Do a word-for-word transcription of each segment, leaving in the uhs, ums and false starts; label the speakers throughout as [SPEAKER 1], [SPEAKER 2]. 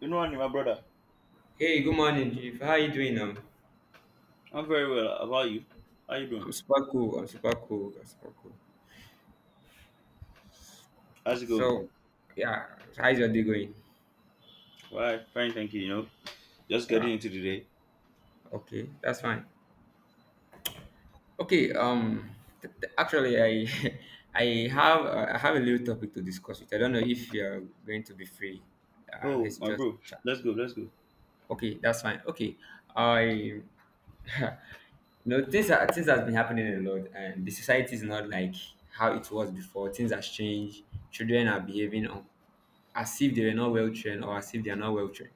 [SPEAKER 1] You know, Andy, my brother.
[SPEAKER 2] Hey, good morning, Chief. How you doing now?
[SPEAKER 1] I'm very well. How about you? How you doing?
[SPEAKER 2] I'm super cool. I'm super cool. I'm super cool.
[SPEAKER 1] How's it going?
[SPEAKER 2] So, yeah, how's your day going?
[SPEAKER 1] Why? Fine, thank you. You know, just getting
[SPEAKER 2] Yeah.
[SPEAKER 1] into the day.
[SPEAKER 2] Okay, that's fine. Okay. Um, th- th- actually, I I have uh, I have a little topic to discuss with. I don't know if you're going to be free. Uh,
[SPEAKER 1] Oh,
[SPEAKER 2] let's
[SPEAKER 1] my
[SPEAKER 2] just
[SPEAKER 1] bro,
[SPEAKER 2] chat.
[SPEAKER 1] let's go, let's go.
[SPEAKER 2] Okay, that's fine. Okay. I you know things are things has been happening a lot, and the society is not like how it was before. Things has changed. Children are behaving un- as if they were not well trained or as if they are not well trained.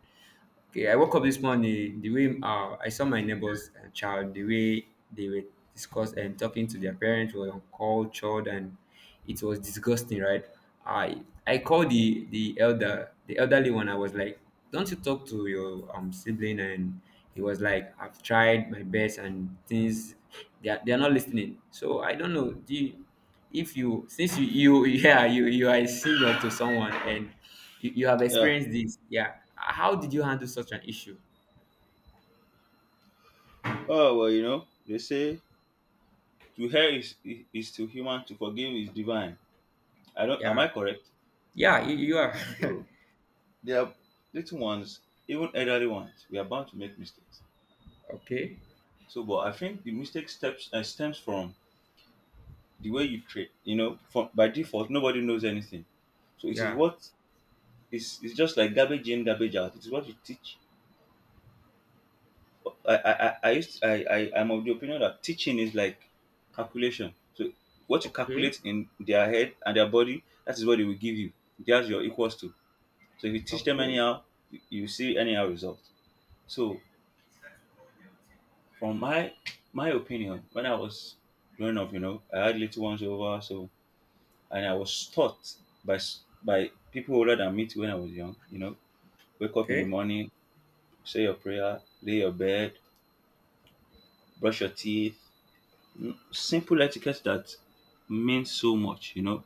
[SPEAKER 2] Okay, I woke up this morning the way uh, I saw my neighbor's uh, child, the way they were discuss and talking to their parents were uncultured and it was disgusting, right? I I called the the elder, the elderly one. I was like, "Don't you talk to your um sibling?" And he was like, "I've tried my best and things they are, they are not listening." So I don't know. Do you, if you since you you yeah you you are a senior to someone and you, you have
[SPEAKER 1] Yeah.
[SPEAKER 2] experienced this, yeah, how did you handle such an issue?
[SPEAKER 1] Oh well, you know, they say to hear is is to human, to forgive is divine. I don't. Am
[SPEAKER 2] Yeah,
[SPEAKER 1] I correct?
[SPEAKER 2] yeah, you, you are.
[SPEAKER 1] So there are little ones, even elderly ones. We are bound to make mistakes.
[SPEAKER 2] Okay,
[SPEAKER 1] So, but I think the mistake steps uh, stems from the way you treat. You know, from by
[SPEAKER 2] okay,
[SPEAKER 1] default, nobody knows anything. So it is
[SPEAKER 2] yeah,
[SPEAKER 1] what. It's, it's just like garbage in, garbage out. It is what you teach. I I, I, I used to, I, I I'm of the opinion that teaching is like calculation. So what you
[SPEAKER 2] okay.
[SPEAKER 1] calculate in their head and their body, that is what they will give you. That's your equals to. So if you teach them
[SPEAKER 2] Okay.
[SPEAKER 1] anyhow, you you see anyhow result. So from my my opinion, when I was growing up, you know, I had little ones over, so and I was taught by s- by people older than me too when I was young. You know, wake up in the
[SPEAKER 2] Okay.
[SPEAKER 1] morning, say your prayer, lay your bed, brush your teeth. Simple etiquette that means so much, you know,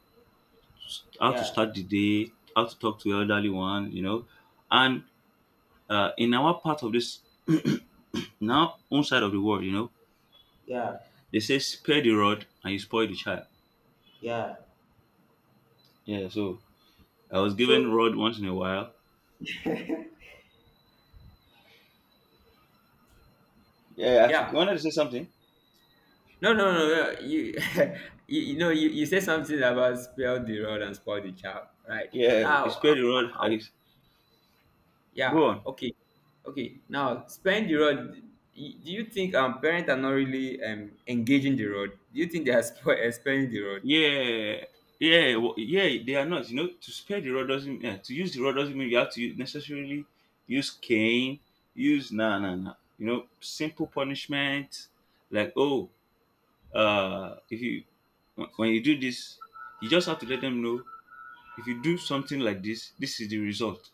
[SPEAKER 1] how to
[SPEAKER 2] Yeah.
[SPEAKER 1] start the day, how to talk to your elderly one, you know. And uh, in our part of this, now own side of the world, you know,
[SPEAKER 2] Yeah.
[SPEAKER 1] they say spare the rod and you spoil the child.
[SPEAKER 2] Yeah.
[SPEAKER 1] Yeah, so I was given
[SPEAKER 2] So,
[SPEAKER 1] rod once in a while. Yeah, I f-
[SPEAKER 2] yeah,
[SPEAKER 1] wanted to say something.
[SPEAKER 2] no, no, no, no. you you, you know, you, you said something about spoil the rod and spoil the child, right?
[SPEAKER 1] Yeah, you
[SPEAKER 2] Now,
[SPEAKER 1] spare the rod.
[SPEAKER 2] I.
[SPEAKER 1] I
[SPEAKER 2] Yeah.
[SPEAKER 1] go on.
[SPEAKER 2] Okay. Okay. Now, spend the road. y- Do you think um parents are not really um engaging the road? Do you think they are spo- eh, the road?
[SPEAKER 1] Yeah, yeah, w yeah, they are not. You know, to spare the rod doesn't uh, to use the rod doesn't mean you have to u- necessarily use cane. Use nah, nah, nah. You know, simple punishment like oh, uh, if you wh- when you do this, you just have to let them know if you do something like this, this is the result.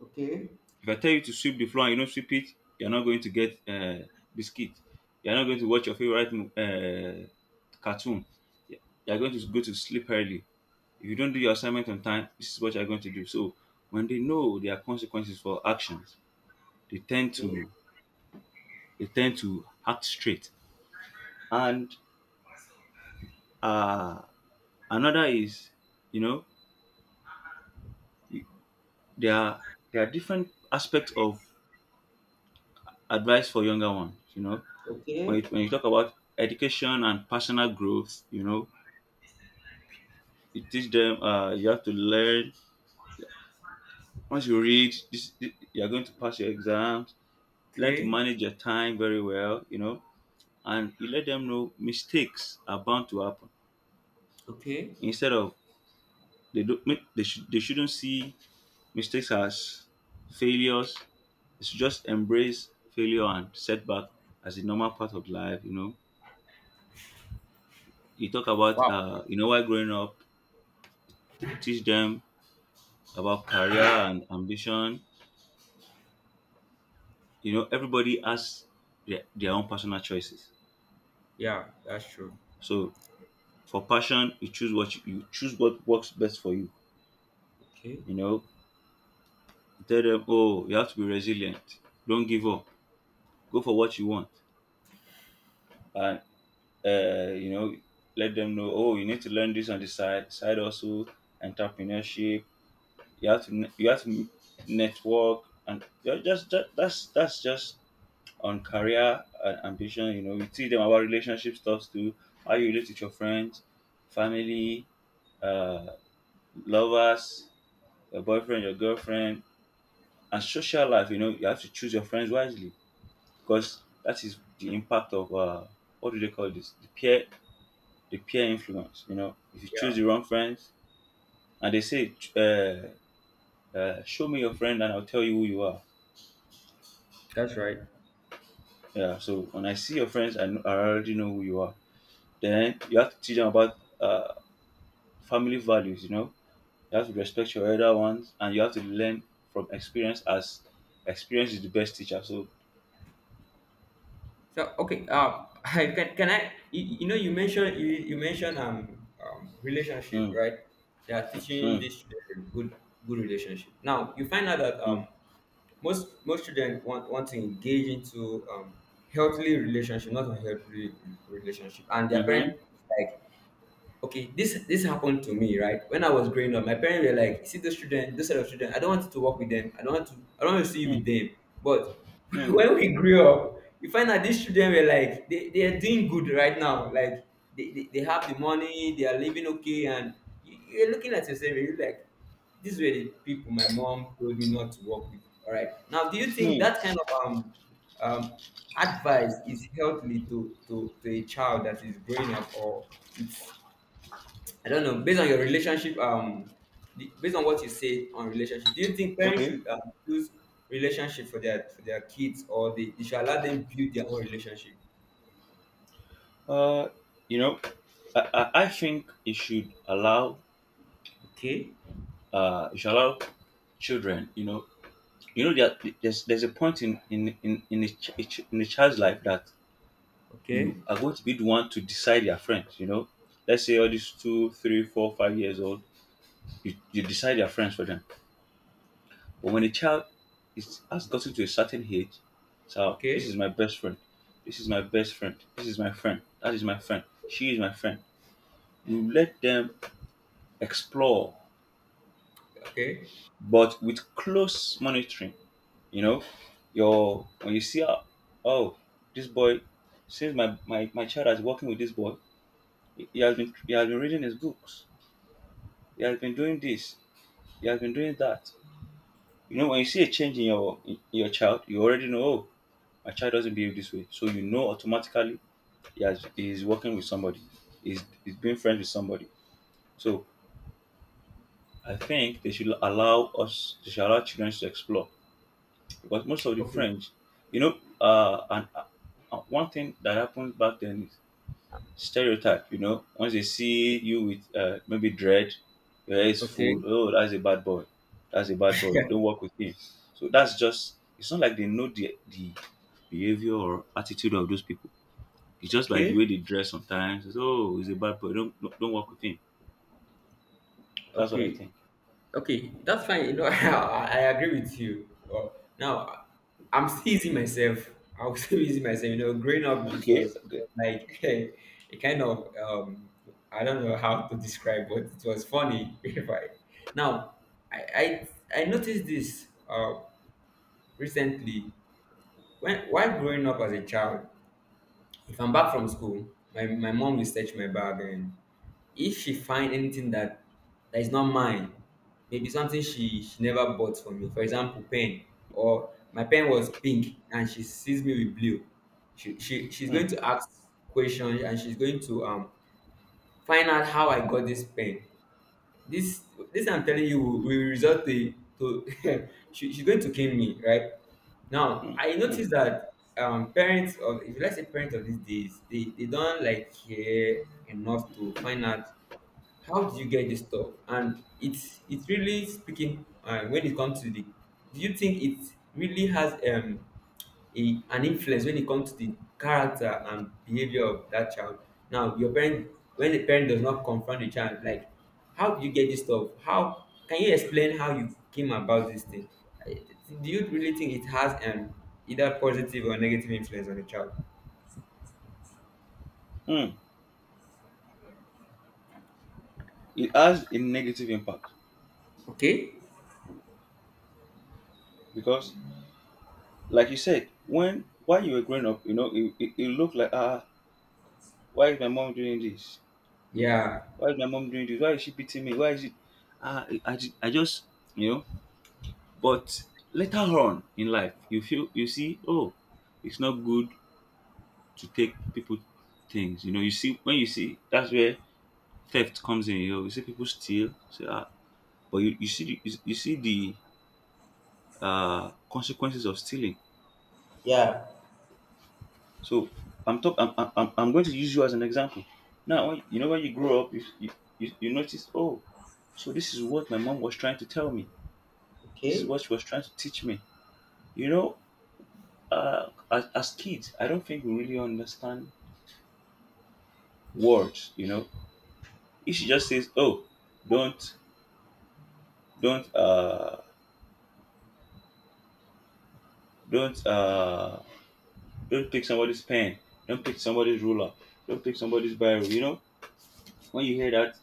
[SPEAKER 2] Okay,
[SPEAKER 1] If I tell you to sweep the floor and you don't sweep it, you're not going to get uh, biscuit. You're not going to watch your favorite mo- uh, cartoon. You're going to go to sleep early if you don't do your assignment on time, this is what you're going to do. So when they know there are consequences for actions, they tend
[SPEAKER 2] okay,
[SPEAKER 1] to they tend to act straight. And uh, another is, you know, there are there are different aspects of advice for younger ones. You know, when you,
[SPEAKER 2] okay,
[SPEAKER 1] when you talk about education and personal growth, you know, you teach them. Uh, you have to learn. Once you read, this, you are going to pass your exams. Learn to
[SPEAKER 2] okay,
[SPEAKER 1] manage your time very well. You know, and you let them know mistakes are bound to happen
[SPEAKER 2] okay.
[SPEAKER 1] instead of they don't make they, should they shouldn't see mistakes as failures. They should just embrace failure and setback as a normal part of life. You know, you talk about
[SPEAKER 2] Wow.
[SPEAKER 1] uh you know while growing up, t- teach them about career and ambition. You know, everybody has their, their own personal choices.
[SPEAKER 2] Yeah, that's true.
[SPEAKER 1] So for passion you choose what you, you choose what works best for you. You know, tell them, oh, you have to be resilient. Don't give up. Go for what you want. And uh, you know, let them know, oh, you need to learn this on the side, side also, entrepreneurship. You have to ne- you have to m- network, and you're just, just that's that's just on career and ambition. You know, you teach them about relationship stuff too, how you relate with your friends, family, uh, lovers, your boyfriend, your girlfriend, and social life. You know, you have to choose your friends wisely, because that is the impact of uh, what do they call this? The peer, the peer influence. You know, if you choose
[SPEAKER 2] Yeah,
[SPEAKER 1] the wrong friends, and they say, uh, uh, "Show me your friend, and I'll tell you who you are."
[SPEAKER 2] that's right.
[SPEAKER 1] Yeah. So when I see your friends, I, know, I already know who you are. Then you have to teach them about uh, family values. You know, you have to respect your elder ones, and you have to learn from experience. As experience is the best teacher. So.
[SPEAKER 2] So, okay. Um, I can can I? You, you know, you mentioned you, you mentioned um um relationship,
[SPEAKER 1] Mm,
[SPEAKER 2] right? They are teaching
[SPEAKER 1] mm,
[SPEAKER 2] this children good good relationship. Now you find out that um
[SPEAKER 1] mm,
[SPEAKER 2] Most most children want, want to engage into um, healthy relationship, not unhealthy relationship, and their
[SPEAKER 1] mm-hmm,
[SPEAKER 2] parents is like, okay, this this happened to me, right? When I was growing up, my parents were like, "See those children, those set of children, I don't want you to work with them. i don't want to I don't want to see you
[SPEAKER 1] mm,
[SPEAKER 2] with them." But
[SPEAKER 1] mm,
[SPEAKER 2] when we grew up, you find out these children were like, they, they are doing good right now, like they, they, they have the money. They are living okay, and you, you're looking at yourself, and you're like, "These were the people my mom told me not to work with." All right, now, do you think
[SPEAKER 1] mm.
[SPEAKER 2] that kind of um um advice is healthy to to, to a child that is growing up, or it's, I don't know. Based on your relationship, um, the, based on what you say on relationship, do you think parents
[SPEAKER 1] Okay.
[SPEAKER 2] should, um, choose relationship for their for their kids, or they, they should allow them build their own relationship?
[SPEAKER 1] Uh, you know, I, I, I think it should allow
[SPEAKER 2] Okay,
[SPEAKER 1] uh it should allow children. You know, you know that there's there's a point in in in in a, ch- a ch- in a child's life that you
[SPEAKER 2] okay,
[SPEAKER 1] are going to be the one to decide your friends. You know, let's say all these two three four five years old, you, you decide your friends for them. But when a child is has gotten to a certain age, so this
[SPEAKER 2] okay,
[SPEAKER 1] is my best friend, this is my best friend, this is my friend, that is my friend, she is my friend. You let them explore,
[SPEAKER 2] okay,
[SPEAKER 1] but with close monitoring. You know, your when you see how, oh, this boy, since my, my, my child has working with this boy, he he has been he has been reading his books, he has been doing this, he has been doing that. You know, when you see a change in your in your child, you already know, oh, my child doesn't behave this way. So you know automatically he has he is working with somebody, he's, he's being friends with somebody. So I think they should allow us, they should allow children to explore, because most of the
[SPEAKER 2] okay,
[SPEAKER 1] French, you know, uh, and uh, uh, one thing that happened back then is stereotype. You know, once they see you with uh, maybe dread, your hair is full.
[SPEAKER 2] okay,
[SPEAKER 1] Oh, that's a bad boy. That's a bad boy. Don't work with him. So that's just. It's not like they know the the behavior or attitude of those people. It's just by the
[SPEAKER 2] okay,
[SPEAKER 1] way they dress sometimes. It's, oh, he's a bad boy. Don't don't don't work with him. That's what I
[SPEAKER 2] okay.
[SPEAKER 1] think.
[SPEAKER 2] Okay, that's fine. You know, I, I agree with you. Well, now, I'm still easy myself. I was still easy myself. You know, growing up, it
[SPEAKER 1] Okay.
[SPEAKER 2] was, it
[SPEAKER 1] Okay.
[SPEAKER 2] was like a, kind of um, I don't know how to describe, but it was funny. If I now, I I, I noticed this uh, recently, when while growing up as a child. If I'm back from school, my my mom will search my bag, and if she find anything that that is not mine, maybe something she she never bought for me, for example, pen, or my pen was pink and she sees me with blue, she, she she's going
[SPEAKER 1] Mm,
[SPEAKER 2] to ask questions, and she's going to um find out how I got this pen. This, this I'm telling you, will, will result to to she, she's going to kill me, right? Now
[SPEAKER 1] mm,
[SPEAKER 2] I
[SPEAKER 1] mm,
[SPEAKER 2] noticed that um parents of if you like, say, parents of these days, they they don't like care enough to find out, how did you get this stuff? And it's it's really speaking uh, when it comes to the. Do you think it really has um a, an influence when it comes to the character and behavior of that child? Now, your parent, when the parent does not confront the child, like, how did you get this stuff? How can you explain how you came about this thing? I- Do you really think it has um either positive or negative influence on the child?
[SPEAKER 1] mm. It has a negative impact,
[SPEAKER 2] Okay.
[SPEAKER 1] because like you said, when while you were growing up, you know, it, it, it looked like ah, why is my mom doing this?
[SPEAKER 2] Yeah.
[SPEAKER 1] Why is my mom doing this? Why is she beating me? Why is it? Ah, I, I, ju- I just, you know. But later on in life, you feel you see, oh, it's not good to take people things. You know, you see when you see that's where theft comes in. You know, you see people steal, say ah, but you, you see the- you, you see the uh consequences of stealing.
[SPEAKER 2] Yeah.
[SPEAKER 1] So I'm talk. I'm, I'm, I'm I'm going to use you as an example. Now, when, you know when you grow up, you, you you you notice. Oh, so this is what my mom was trying to tell me. This is
[SPEAKER 2] Okay.
[SPEAKER 1] what she was trying to teach me. You know, uh, as, as kids, I don't think we really understand words. You know, if she just says, "Oh, don't don't uh don't uh don't pick somebody's pen, don't pick somebody's ruler, don't pick somebody's biro," you know, when you hear that,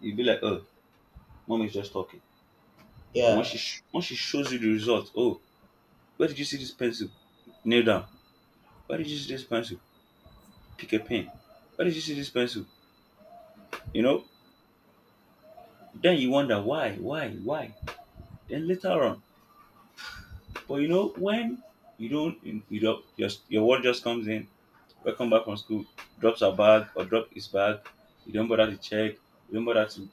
[SPEAKER 1] you be like, "Oh, mom is just talking." But once
[SPEAKER 2] Yeah.
[SPEAKER 1] she sh- once she shows you the result, oh, where did you see this pencil? Nail down. Where did you see this pencil? Pick a pen. Where did you see this pencil? You know. Then you wonder why, why, why. Then later on, but you know when you don't, you don't. Just your word just comes in. Welcome back from school. Drops her bag or drop his bag. You don't bother to check. You don't bother to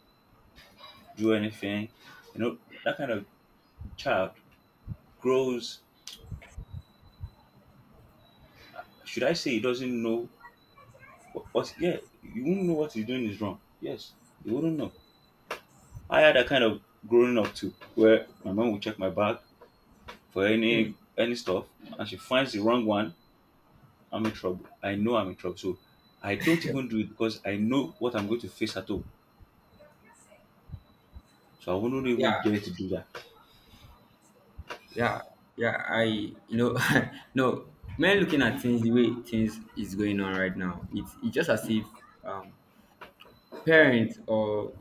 [SPEAKER 1] do anything. You know that kind of child grows. Should I say he doesn't know? But, but yeah, you wouldn't know what he's doing is wrong. Yes, you wouldn't know. I had that kind of growing up too, where my mom would check my bag for
[SPEAKER 2] Hmm.
[SPEAKER 1] any any stuff, and she finds the wrong one. I'm in trouble. I know I'm in trouble. So I don't even do it, because I know what I'm going to face at home. So I wouldn't
[SPEAKER 2] Yeah.
[SPEAKER 1] even dare to do that.
[SPEAKER 2] Yeah, yeah, I you know no, men, looking at things, the way things is going on right now, it's it's just as if um parents or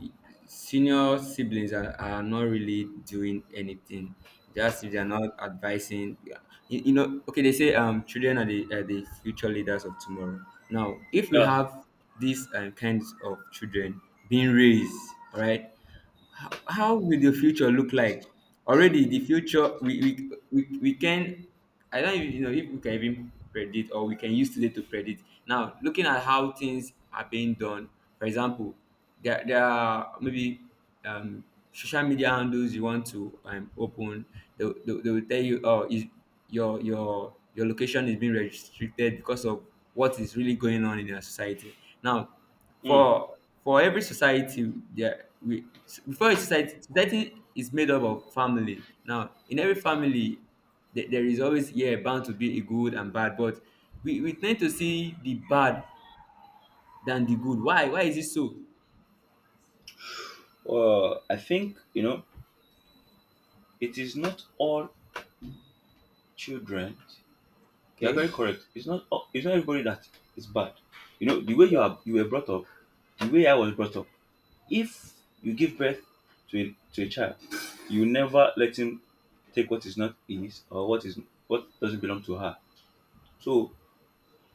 [SPEAKER 2] senior siblings are, are not really doing anything. Just, if they're not advising, yeah. you, you know, okay, they say, um children are the are the future leaders of tomorrow. Now, if we
[SPEAKER 1] Yeah.
[SPEAKER 2] have these uh, kinds of children being raised, all right? how, how will the future look like? Already, the future, we we, we, we can, I don't even, you know, if we can even predict, or we can use today to predict. Now, looking at how things are being done, for example, there, there are maybe um, social media handles you want to um, open. They, they, will- they will tell you, oh, is your your your location is being restricted because of what is really going on in our society now.
[SPEAKER 1] Mm.
[SPEAKER 2] for for every society, there we before a society, society is made up of family. Now, in every family, there, there is always, yeah, bound to be a good and bad, but we, we tend to see the bad than the good. Why why is it so?
[SPEAKER 1] Uh, I think you know it is not all children. You are very
[SPEAKER 2] Okay.
[SPEAKER 1] correct. It's not. all- It's not everybody that is bad. You know the way
[SPEAKER 2] Yeah.
[SPEAKER 1] you are. You were brought up the way I was brought up. If you give birth to a to a child, you never let him take what is not his or what is what doesn't belong to her. So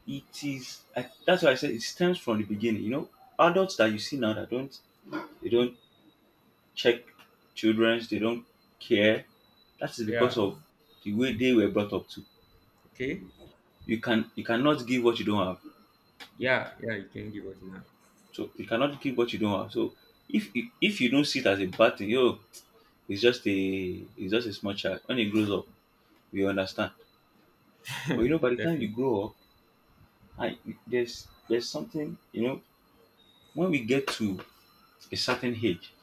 [SPEAKER 1] it is I, that's why I said it stems from the beginning. You know, adults that you see now that don't they don't check children's, they don't care. That is because
[SPEAKER 2] Yeah.
[SPEAKER 1] of the way they were brought up to.
[SPEAKER 2] Okay.
[SPEAKER 1] You can you cannot give what you don't have.
[SPEAKER 2] Yeah. Yeah, you can give us now.
[SPEAKER 1] So you cannot give what you don't have. So if if, if you don't see it as a bad thing, yo, it's just a it's just a small child. When he grows up, we understand. But you know, by the time you
[SPEAKER 2] Definitely.
[SPEAKER 1] grow up, I there's there's something you know. When we get to a certain age,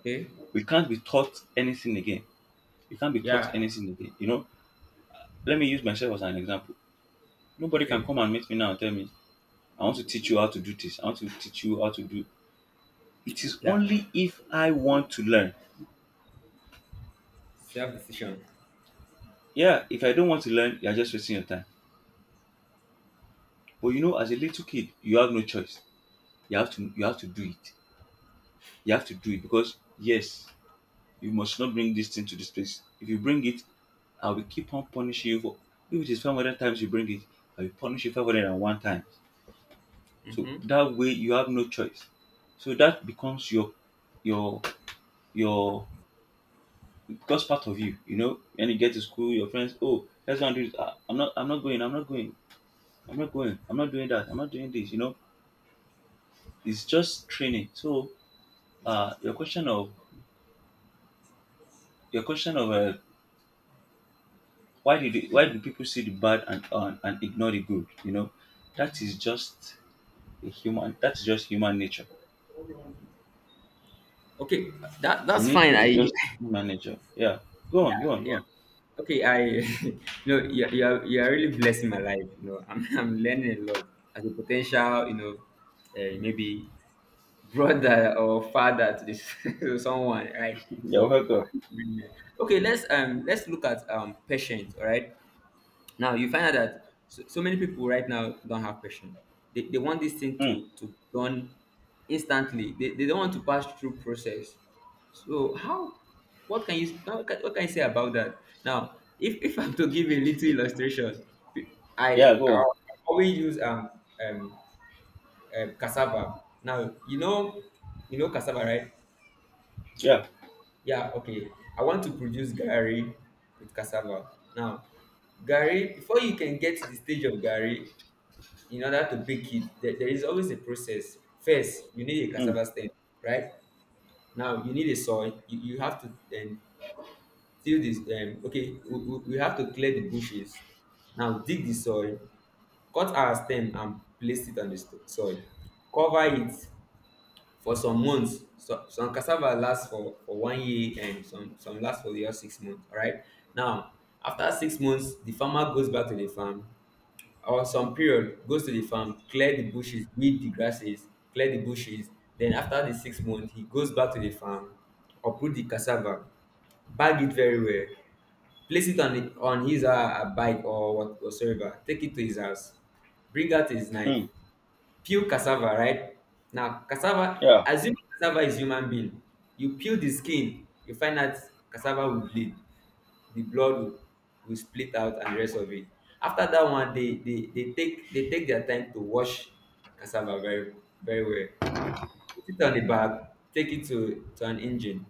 [SPEAKER 2] Okay.
[SPEAKER 1] we can't be taught anything again. We can't be taught
[SPEAKER 2] Yeah.
[SPEAKER 1] anything again. You know, let me use myself as an example. Nobody can
[SPEAKER 2] Okay.
[SPEAKER 1] come and meet me now and tell me, "I want to teach you how to do this. I want to teach you how to do." It is
[SPEAKER 2] Yeah.
[SPEAKER 1] only if I want to learn.
[SPEAKER 2] Self-decision.
[SPEAKER 1] Yeah, if I don't want to learn, you're just wasting your time. But you know, as a little kid, you have no choice. You have to you have to do it. You have to do it because yes, you must not bring this thing to this place. If you bring it, I will keep on punishing you for if it is five hundred times you bring it, I will punish you five hundred and one times. So
[SPEAKER 2] Mm-hmm.
[SPEAKER 1] that way you have no choice. So that becomes your your your because part of you, you know, when you get to school, your friends, oh, let's go and do this. Ah, I'm not I'm not going, I'm not going, I'm not going, I'm not doing that, I'm not doing this, you know. It's just training. So uh your question of your question of uh, why did it, why do people see the bad and, and and ignore the good, you know, that is just a human that's just human nature,
[SPEAKER 2] Okay, that
[SPEAKER 1] to
[SPEAKER 2] that's
[SPEAKER 1] me
[SPEAKER 2] fine.
[SPEAKER 1] it's
[SPEAKER 2] I,
[SPEAKER 1] just human nature. Yeah, go on go
[SPEAKER 2] yeah,
[SPEAKER 1] on go
[SPEAKER 2] yeah.
[SPEAKER 1] on.
[SPEAKER 2] Okay, I you know, you you are, you are really blessing my life. You know, I'm, I'm learning a lot as a potential, you know, uh, maybe brother or father to this to someone, right?
[SPEAKER 1] You're
[SPEAKER 2] So, uh,
[SPEAKER 1] welcome.
[SPEAKER 2] really- okay, let's um let's look at um patience. All right, now you find out that so, so many people right now don't have patience. They, they want this thing
[SPEAKER 1] Mm.
[SPEAKER 2] to to done instantly. They, they don't want to pass through process. So, how, what can you what can, what can you say about that? Now, if, if I'm to give a little illustration, I
[SPEAKER 1] Yeah, go
[SPEAKER 2] I
[SPEAKER 1] on.
[SPEAKER 2] always use um um um cassava. Now you know you know cassava, right?
[SPEAKER 1] Yeah.
[SPEAKER 2] Yeah, okay. I want to produce gari with cassava. Now, gari, before you can get to the stage of gari, in order to bake it, there, there is always a process. First, you need a
[SPEAKER 1] Mm.
[SPEAKER 2] cassava stem, right? Now you need a soil. You, you have to um, till this. Um, okay, we, we we have to clear the bushes. Now, dig the soil, cut our stem and place it on the st- soil. Cover it for some months. So, some cassava lasts for, for one year, and some, some last for the other six months. All right. Now, after six months, the farmer goes back to the farm, or some period, goes to the farm, clear the bushes, weed the grasses, clear the bushes. Then, after the six months, he goes back to the farm, uproot the cassava, bag it very well, place it on the, on his uh, bike or what whatsoever, take it to his house, bring out his knife,
[SPEAKER 1] Mm.
[SPEAKER 2] peel cassava, right? Now, cassava,
[SPEAKER 1] Yeah,
[SPEAKER 2] assuming cassava is human being, you peel the skin, you find out cassava will bleed. The blood will, will split out and the rest of it. After that one, they, they, they take they take their time to wash cassava very very well. Put it on the bag, take it to, to an engine.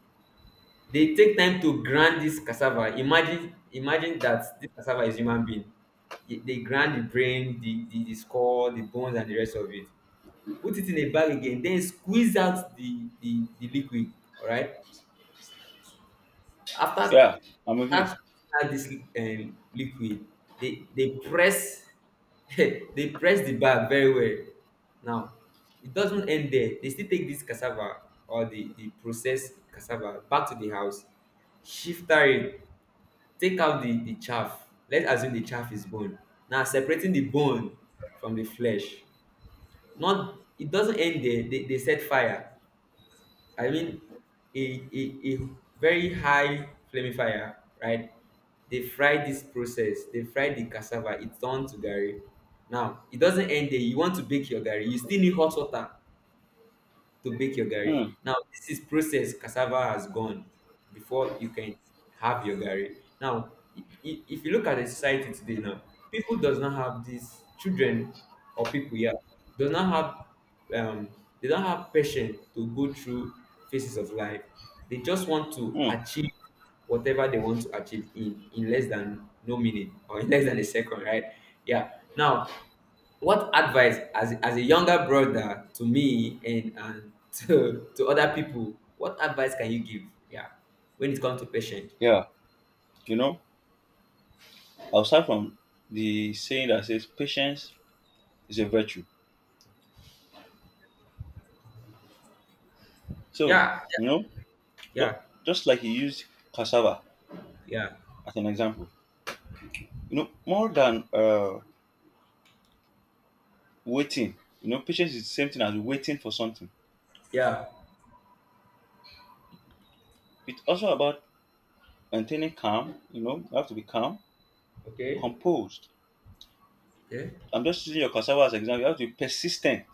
[SPEAKER 2] They take time to grind this cassava. Imagine imagine that this cassava is human being. They they grind the brain, the, the, the skull, the bones, and the rest of it. Put it in a bag again, then squeeze out the, the, the liquid, all right? After,
[SPEAKER 1] yeah, I'm with you.
[SPEAKER 2] after add this um, liquid, they they press they press the bag very well. Now, it doesn't end there. They still take this cassava, or the the processed cassava, back to the house, shifter it, take out the the chaff. Let's assume the chaff is bone. Now, separating the bone from the flesh. Not, it doesn't end there. They, they set fire. I mean, a, a, a very high flamifier, right? They fry this process. They fry the cassava. It turned to gari. Now, it doesn't end there. You want to bake your gari, you still need hot water to bake your gari.
[SPEAKER 1] Mm.
[SPEAKER 2] Now, this is process cassava has gone before you can have your gari. Now, i- i- if you look at the society today now, people does not have these children or people, yeah, does not have um they don't have patience to go through phases of life. They just want to
[SPEAKER 1] Mm.
[SPEAKER 2] achieve whatever they want to achieve in in less than no minute or in less than a second, right? Yeah. Now what advice as, as a younger brother to me, and, and to, to other people, what advice can you give? Yeah. When it comes to patient.
[SPEAKER 1] Yeah, you know, aside from the saying that says patience is a virtue, so,
[SPEAKER 2] Yeah.
[SPEAKER 1] you know, ju-
[SPEAKER 2] Yeah.
[SPEAKER 1] just like you used cassava
[SPEAKER 2] Yeah.
[SPEAKER 1] as an example, you know, more than uh waiting. You know, patience is the same thing as waiting for something.
[SPEAKER 2] Yeah.
[SPEAKER 1] It's also about maintaining calm. You know, you have to be calm,
[SPEAKER 2] Okay.
[SPEAKER 1] composed.
[SPEAKER 2] Okay.
[SPEAKER 1] I'm just using your cassava as an example. You have to be persistent.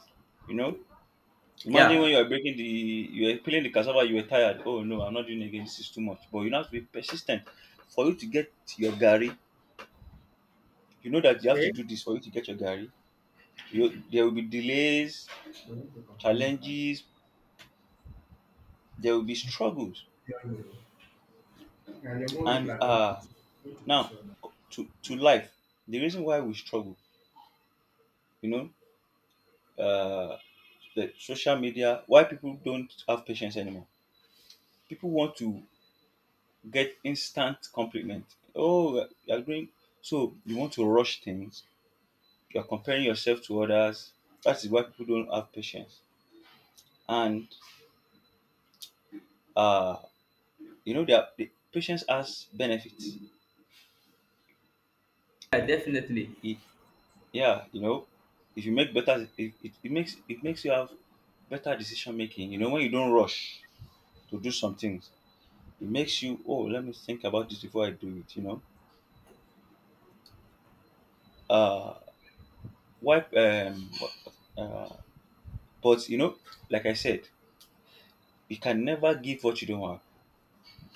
[SPEAKER 1] You know, imagine when
[SPEAKER 2] Yeah.
[SPEAKER 1] you are breaking the, you are peeling the cassava, you were tired. Oh no, I'm not doing it again. This is too much. But you have to be persistent for you to get your gari. You know that you have to
[SPEAKER 2] Okay.
[SPEAKER 1] do this for you to get your gari. You, there will be delays, challenges. There will be struggles. And uh, now to to life. The reason why we struggle, you know, uh, the social media, why people don't have patience anymore, people want to get instant compliment, oh you're doing, so you want to rush things, you're comparing yourself to others, that is why people don't have patience. And uh you know that the patience has benefits.
[SPEAKER 2] Yeah, definitely.
[SPEAKER 1] It Yeah, you know, if you make better, it, it, it makes, it makes you have better decision making, you know, when you don't rush to do some things, it makes you, oh let me think about this before I do it, you know. Uh, what, um, uh, but you know, like I said, you can never give what you don't have.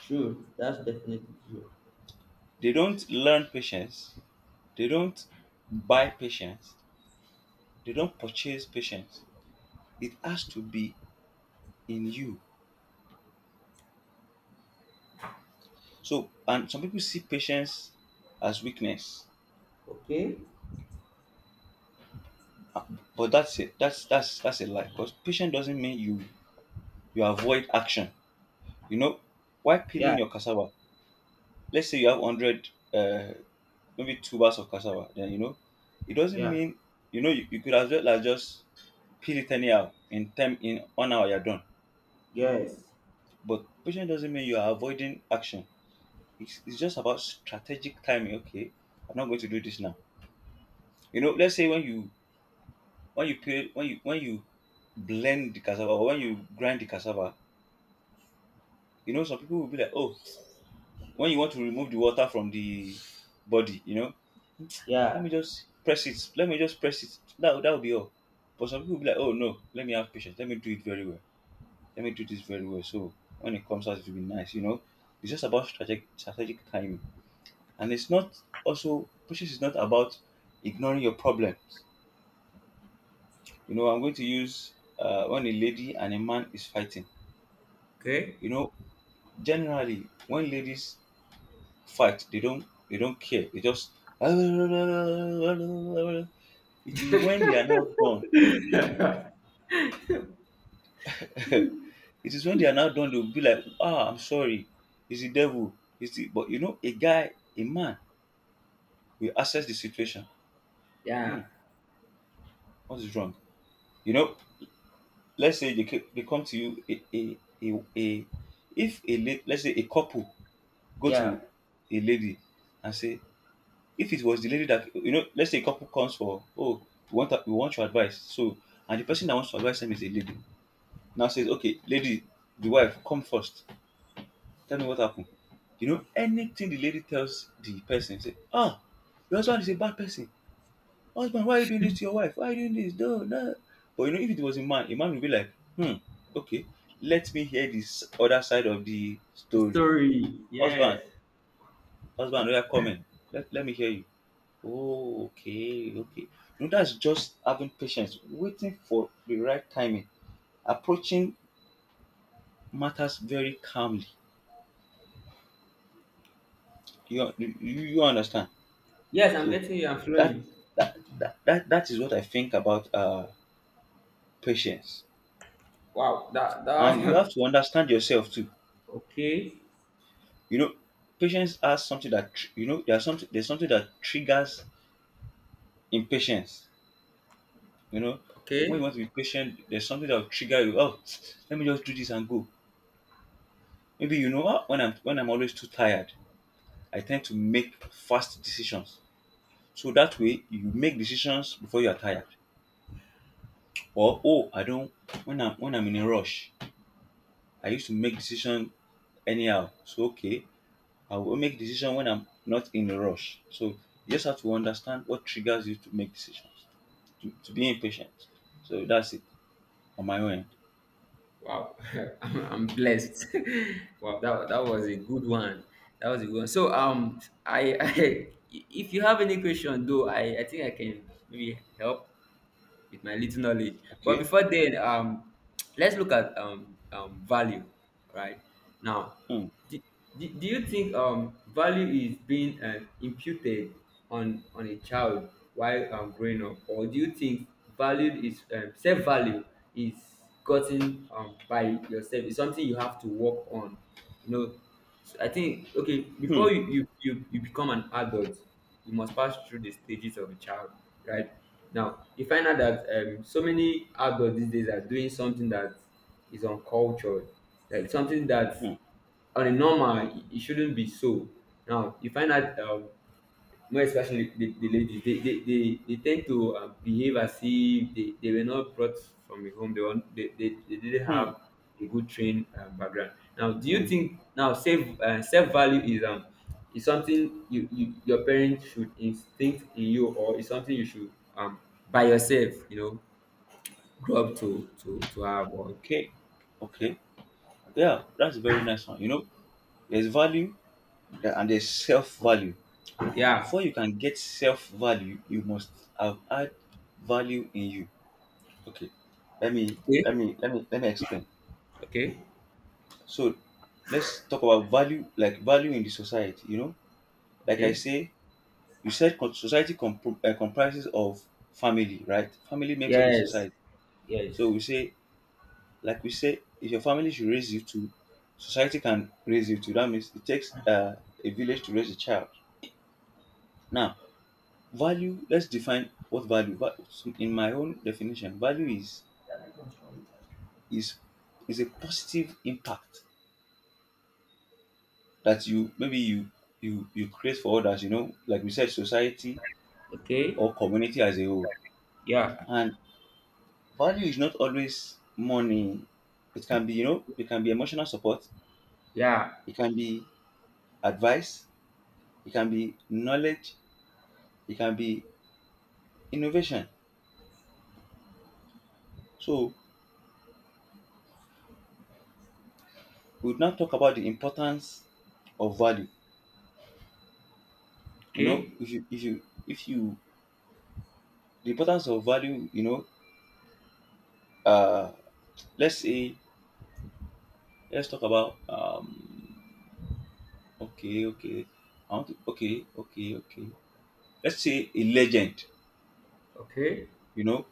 [SPEAKER 2] True. That's definitely true.
[SPEAKER 1] They don't learn patience. They don't buy patience. They don't purchase patience. It has to be in you. So, and some people see patience as weakness,
[SPEAKER 2] Okay.
[SPEAKER 1] but that's it. That's that's that's a lie. Because patience doesn't mean you you avoid action. You know, why
[SPEAKER 2] Yeah.
[SPEAKER 1] peeling your cassava? Let's say you have hundred uh, maybe two bars of cassava, then you know, it doesn't
[SPEAKER 2] Yeah.
[SPEAKER 1] mean, you know, you, you could as well as just peel it anyhow, in time in one hour you're done.
[SPEAKER 2] Yes.
[SPEAKER 1] But patience doesn't mean you are avoiding action. It's, it's just about strategic timing. Okay, I'm not going to do this now. You know, let's say when you when you peel when you when you blend the cassava, or when you grind the cassava, you know, some people will be like, oh, when you want to remove the water from the body, you know, let
[SPEAKER 2] Yeah.
[SPEAKER 1] me just press it. Let me just press it. That that would be all. But some people will be like, oh no, let me have patience. Let me do it very well. Let me do this very well. So when it comes out, it will be nice. You know, it's just about strategic strategic timing, and it's not, also patience is not about ignoring your problems. You know, I'm going to use uh, when a lady and a man is fighting.
[SPEAKER 2] Okay.
[SPEAKER 1] You know, generally when ladies fight. They don't they don't care. They just, it is when they are now done. It is when they are now done, they'll be like, ah, I'm sorry, it's the devil. It's the But you know, a guy, a man will assess the situation.
[SPEAKER 2] Yeah.
[SPEAKER 1] Hmm, what is wrong? You know, let's say they, ca- they come to you, a a, a, a if a la- let's say a couple go
[SPEAKER 2] Yeah.
[SPEAKER 1] to a lady and say, if it was the lady that, you know, let's say a couple comes for, oh, we want we want your advice. So, and the person that wants to advise them is a lady. Now says, okay, lady, the wife, come first. Tell me what happened. You know, anything the lady tells the person, say, ah, your husband is a bad person. Husband, why are you doing this to your wife? Why are you doing this? No, no. But you know, if it was a man, a man would be like, hmm, okay, let me hear this other side of the story. Husband, husband, we are coming. Let, let me hear you. Oh, okay, okay. No, that's just having patience, waiting for the right timing, approaching matters very calmly. You you, you understand?
[SPEAKER 2] Yes, I'm
[SPEAKER 1] So
[SPEAKER 2] getting you. I'm
[SPEAKER 1] that
[SPEAKER 2] flowing.
[SPEAKER 1] that, that that that is what I think about uh patience.
[SPEAKER 2] Wow. That.
[SPEAKER 1] And you have
[SPEAKER 2] That.
[SPEAKER 1] to understand yourself too.
[SPEAKER 2] Okay.
[SPEAKER 1] You know, patience has something that tr- you know. There's something there's something that triggers impatience. You know, when
[SPEAKER 2] Okay.
[SPEAKER 1] you want to be patient, there's something that will trigger you. Oh, let me just do this and go. Maybe you know, "Ah, when I'm when I'm always too tired, I tend to make fast decisions. So that way you make decisions before you are tired. Or oh I don't, when I'm when I'm in a rush, I used to make decision anyhow. So okay, I will make decision when I'm not in a rush. So you just have to understand what triggers you to make decisions. To, to be impatient. So that's it on my own end.
[SPEAKER 2] Wow, I'm, I'm blessed. Wow, that, that was a good one. That was a good one. So um, I, I if you have any question though, I, I think I can maybe help with my little knowledge. But
[SPEAKER 1] Okay.
[SPEAKER 2] before then, um, let's look at um, um value, right? Now,
[SPEAKER 1] Hmm.
[SPEAKER 2] do, do, do you think um value is being uh, imputed on on a child while um, growing up, or do you think value is um, self value is gotten um, by yourself? It's something you have to work on, you know. So I think okay,
[SPEAKER 1] Hmm.
[SPEAKER 2] before you you, you you become an adult you must pass through the stages of a child, right? Now you find out that um, so many adults these days are doing something that is uncultured, like something that
[SPEAKER 1] Hmm.
[SPEAKER 2] on a normal it shouldn't be so. Now you find out um, more especially the, the ladies, they, they, they, they tend to um, behave as if they, they were not brought from a home, they, were, they, they, they didn't
[SPEAKER 1] Hmm.
[SPEAKER 2] have a good trained uh, background. Now do you
[SPEAKER 1] Hmm.
[SPEAKER 2] think now self uh, self value is um is something you, you your parents should instinct in you, or is something you should um by yourself, you know, grow up to to to have, or?
[SPEAKER 1] Okay.
[SPEAKER 2] Yeah.
[SPEAKER 1] Okay. Yeah, that's a very nice one. You know, there's value, there- and there's self value.
[SPEAKER 2] Yeah.
[SPEAKER 1] Before you can get self value, you must have had value in you. Okay, let me let
[SPEAKER 2] Okay.
[SPEAKER 1] me let me let me explain.
[SPEAKER 2] Okay.
[SPEAKER 1] So let's talk about value, like value in the society. You know, like I
[SPEAKER 2] Okay.
[SPEAKER 1] say, you said co- society compr- uh, comprises of family, right? Family makes up a
[SPEAKER 2] Yes.
[SPEAKER 1] society. So
[SPEAKER 2] Yes.
[SPEAKER 1] we say, like we say, if your family should raise you to, society can raise you to. That means it takes uh, a village to raise a child. Now, value, let's define what value. va- In my own definition, value is is is a positive impact that you maybe you you you create for others. You know, like we said, society
[SPEAKER 2] Okay.
[SPEAKER 1] or community as a whole.
[SPEAKER 2] Yeah.
[SPEAKER 1] And value is not always money. It can be, you know, it can be emotional support.
[SPEAKER 2] Yeah.
[SPEAKER 1] It can be advice. It can be knowledge. It can be innovation. So we would now talk about the importance of value. You know,
[SPEAKER 2] Okay.
[SPEAKER 1] if you if you if you, the importance of value, you know, uh let's say, let's talk about um okay okay I want to okay okay okay, let's say a legend,
[SPEAKER 2] Okay.
[SPEAKER 1] you know,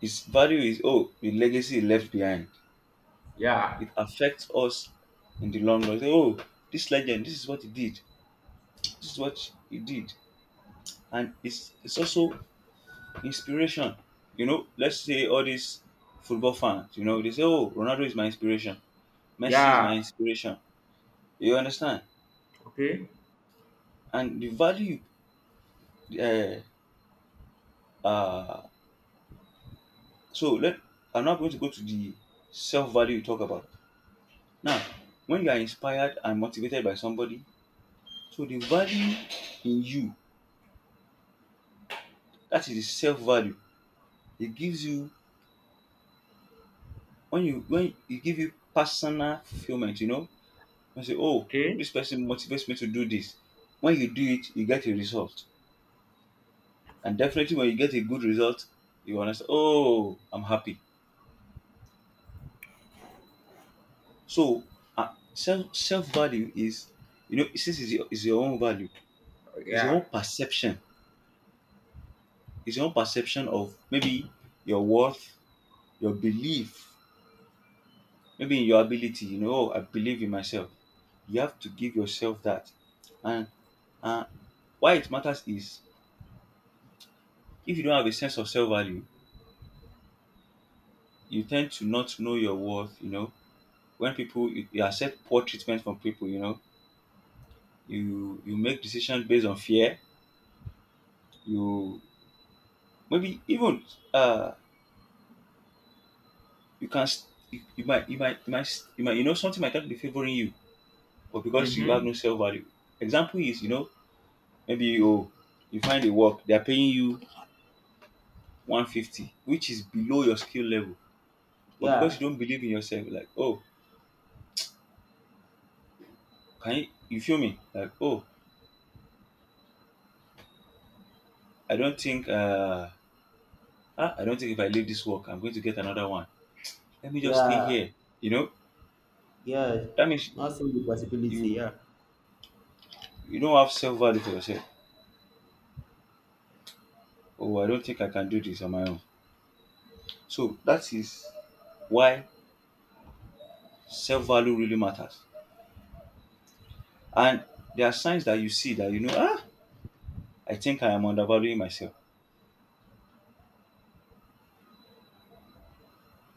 [SPEAKER 1] his value is, oh, the legacy he left behind,
[SPEAKER 2] Yeah.
[SPEAKER 1] it affects us in the long run, say, oh, this legend, this is what he did, this is what he did and it's it's also inspiration. You know, let's say all these football fans, you know, they say, oh, Ronaldo is my inspiration, Messi is my
[SPEAKER 2] Yeah.
[SPEAKER 1] inspiration, you understand.
[SPEAKER 2] Okay.
[SPEAKER 1] And the value, uh, uh, so let I'm now going to go to the self value you talk about. Now, when you are inspired and motivated by somebody, so the value in you, that is the self value. It gives you, when you when it give you personal fulfillment. You know, you say, oh,
[SPEAKER 2] Okay.
[SPEAKER 1] this person motivates me to do this. When you do it, you get a result, and definitely when you get a good result, you understand. Oh, I'm happy. So uh, self self value is, you know since it's your, it's your own value, it's your
[SPEAKER 2] Yeah.
[SPEAKER 1] own perception, it's your own perception of maybe your worth, your belief, maybe in your ability. You know, oh, I believe in myself. You have to give yourself that, and uh, why it matters is if you don't have a sense of self value, you tend to not know your worth. You know, when people you, you accept poor treatment from people, you know, you you make decisions based on fear. You maybe even uh you can't s- you, you might you might you might s- you might you know something might not be favoring you, but because you have
[SPEAKER 2] Mm-hmm.
[SPEAKER 1] no self-value. Example is, you know, maybe you you find a work they are paying you one fifty, which is below your skill level. But because
[SPEAKER 2] Yeah,
[SPEAKER 1] you don't believe in yourself, like, oh, can you you feel me, like, oh, i don't think uh ah, I don't think if I leave this work I'm going to get another one. Let me just stay
[SPEAKER 2] yeah,
[SPEAKER 1] here, you know.
[SPEAKER 2] yeah.
[SPEAKER 1] That means
[SPEAKER 2] Not seeing the possibility.
[SPEAKER 1] you
[SPEAKER 2] Yeah.
[SPEAKER 1] you don't have self-value for yourself. Oh, I don't think I can do this on my own. So that is why self value really matters. And there are signs that you see that, you know, ah, I think I am undervaluing myself.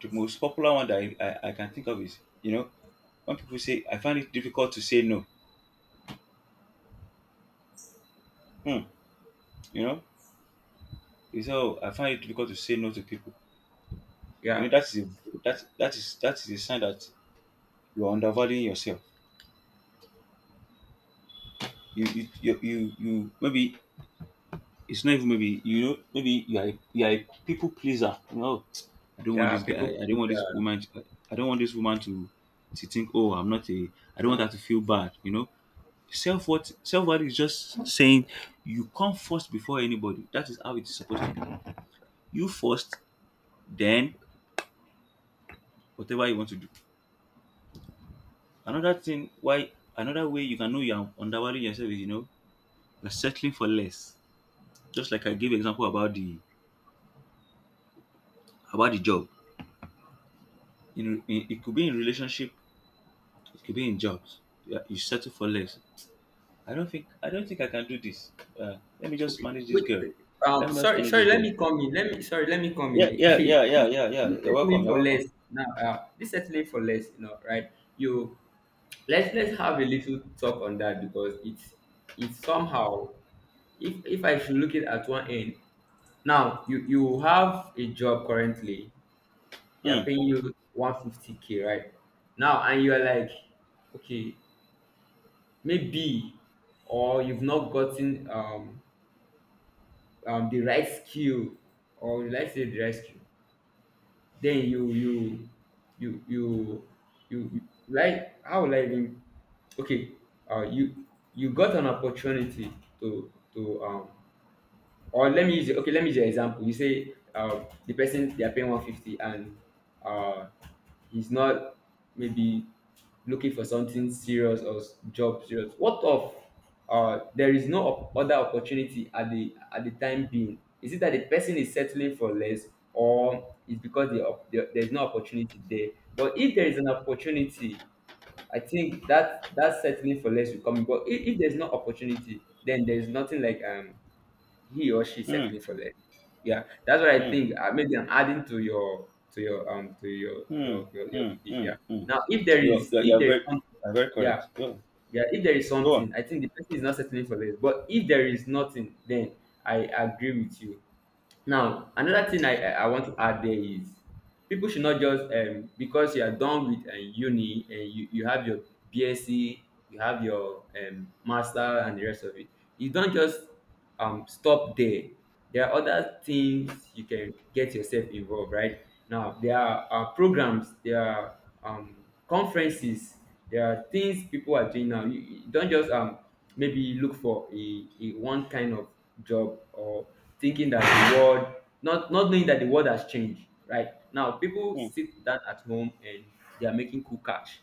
[SPEAKER 1] The most popular one that I, I, I can think of is, you know, when people say, I find it difficult to say no. Hmm. You know, you say, oh, I find it difficult to say no to people. You
[SPEAKER 2] Yeah.
[SPEAKER 1] know, that is a, that that is that is a sign that you are undervaluing yourself. You you you you, you maybe. It's not even maybe, you know, maybe you are a, you are a people pleaser. No, I don't want
[SPEAKER 2] Yeah.
[SPEAKER 1] this
[SPEAKER 2] People
[SPEAKER 1] guy. I, don't
[SPEAKER 2] please.
[SPEAKER 1] want this
[SPEAKER 2] Uh,
[SPEAKER 1] woman. To, I don't want this woman to to think. Oh, I'm not a. I don't want her to feel bad. You know, self what self worth is just saying you come first before anybody. That is how it is supposed to be. You first, then whatever you want to do. Another thing why another way you can know you are undervaluing yourself is, you know, you're settling for less. Just like I gave example about the about the job. In, in it could be in relationship. It could be in jobs. Yeah, you settle for less. I don't think I don't think I can do this. Uh, let me just
[SPEAKER 2] okay.
[SPEAKER 1] manage this
[SPEAKER 2] Wait.
[SPEAKER 1] girl. Let
[SPEAKER 2] Um.
[SPEAKER 1] me just
[SPEAKER 2] Sorry.
[SPEAKER 1] manage
[SPEAKER 2] Sorry.
[SPEAKER 1] this
[SPEAKER 2] Let
[SPEAKER 1] boy.
[SPEAKER 2] me come in. Let me. Sorry. Let me come in.
[SPEAKER 1] Yeah, yeah, yeah, yeah, yeah, yeah.
[SPEAKER 2] Hey. This
[SPEAKER 1] You're welcome.
[SPEAKER 2] settling
[SPEAKER 1] You're
[SPEAKER 2] for less
[SPEAKER 1] welcome.
[SPEAKER 2] now. Uh. This settling for less. You know. Right. You. Let's let's have a little talk on that, because it's it's somehow. if if I should look it at one end, now you you have a job currently, they are
[SPEAKER 1] Hmm,
[SPEAKER 2] paying you one fifty k, right? Now and you are like, okay, maybe or you've not gotten um, um the right skill, or let's say the right skill, then you you you you you, you like how will I even, okay, uh you you got an opportunity to to um. Or let me use okay, let me use your example. You say uh, the person they are paying one fifty and uh, he's not maybe looking for something serious or s- job serious. What of uh, there is no op- other opportunity at the at the time being? Is it that the person is settling for less, or is because the, op- the, there is no opportunity there? But if there is an opportunity, I think that that settling for less will come in. But if, if there's no opportunity, then there is nothing like um he or she is
[SPEAKER 1] hmm,
[SPEAKER 2] settling for less. Yeah, that's what I
[SPEAKER 1] hmm,
[SPEAKER 2] think. Uh, maybe I'm adding to your to your um to your your
[SPEAKER 1] hmm,
[SPEAKER 2] your, your
[SPEAKER 1] hmm,
[SPEAKER 2] speech.
[SPEAKER 1] hmm,
[SPEAKER 2] Yeah.
[SPEAKER 1] hmm.
[SPEAKER 2] Now, if there
[SPEAKER 1] You're,
[SPEAKER 2] is,
[SPEAKER 1] you're
[SPEAKER 2] if
[SPEAKER 1] you're
[SPEAKER 2] there is
[SPEAKER 1] very
[SPEAKER 2] something,
[SPEAKER 1] you're very
[SPEAKER 2] yeah,
[SPEAKER 1] correct. Go
[SPEAKER 2] yeah, if there is
[SPEAKER 1] go on.
[SPEAKER 2] something, I think the person is not settling for less. But if there is nothing, then I agree with you. Now, another thing I, I I want to add there is people should not just um because you are done with uh, uni and you, you have your BSc, you have your um master and the rest of it. You don't just um stop there. There are other things you can get yourself involved, right? Now there are uh, programs, there are um conferences, there are things people are doing now. You, you don't just um maybe look for a, a one kind of job, or thinking that the world, not not knowing that the world has changed. Right now, people
[SPEAKER 1] Hmm,
[SPEAKER 2] sit down at home and they are making cool cash.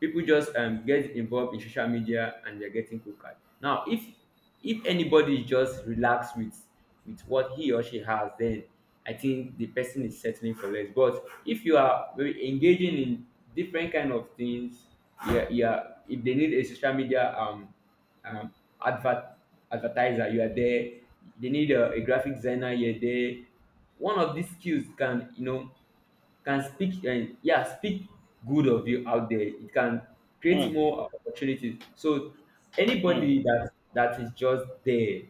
[SPEAKER 2] People just um get involved in social media and they're getting cool cash. Now, if if anybody is just relaxed with with what he or she has, then I think the person is settling for less. But if you are very engaging in different kind of things, yeah, yeah, if they need a social media um um advert advertiser, you are there. They need a, a graphic designer, you're there. One of these skills can, you know, can speak, and yeah, speak good of you out there, it can create
[SPEAKER 1] hmm,
[SPEAKER 2] more opportunities. So
[SPEAKER 1] hmm.
[SPEAKER 2] anybody that that is just there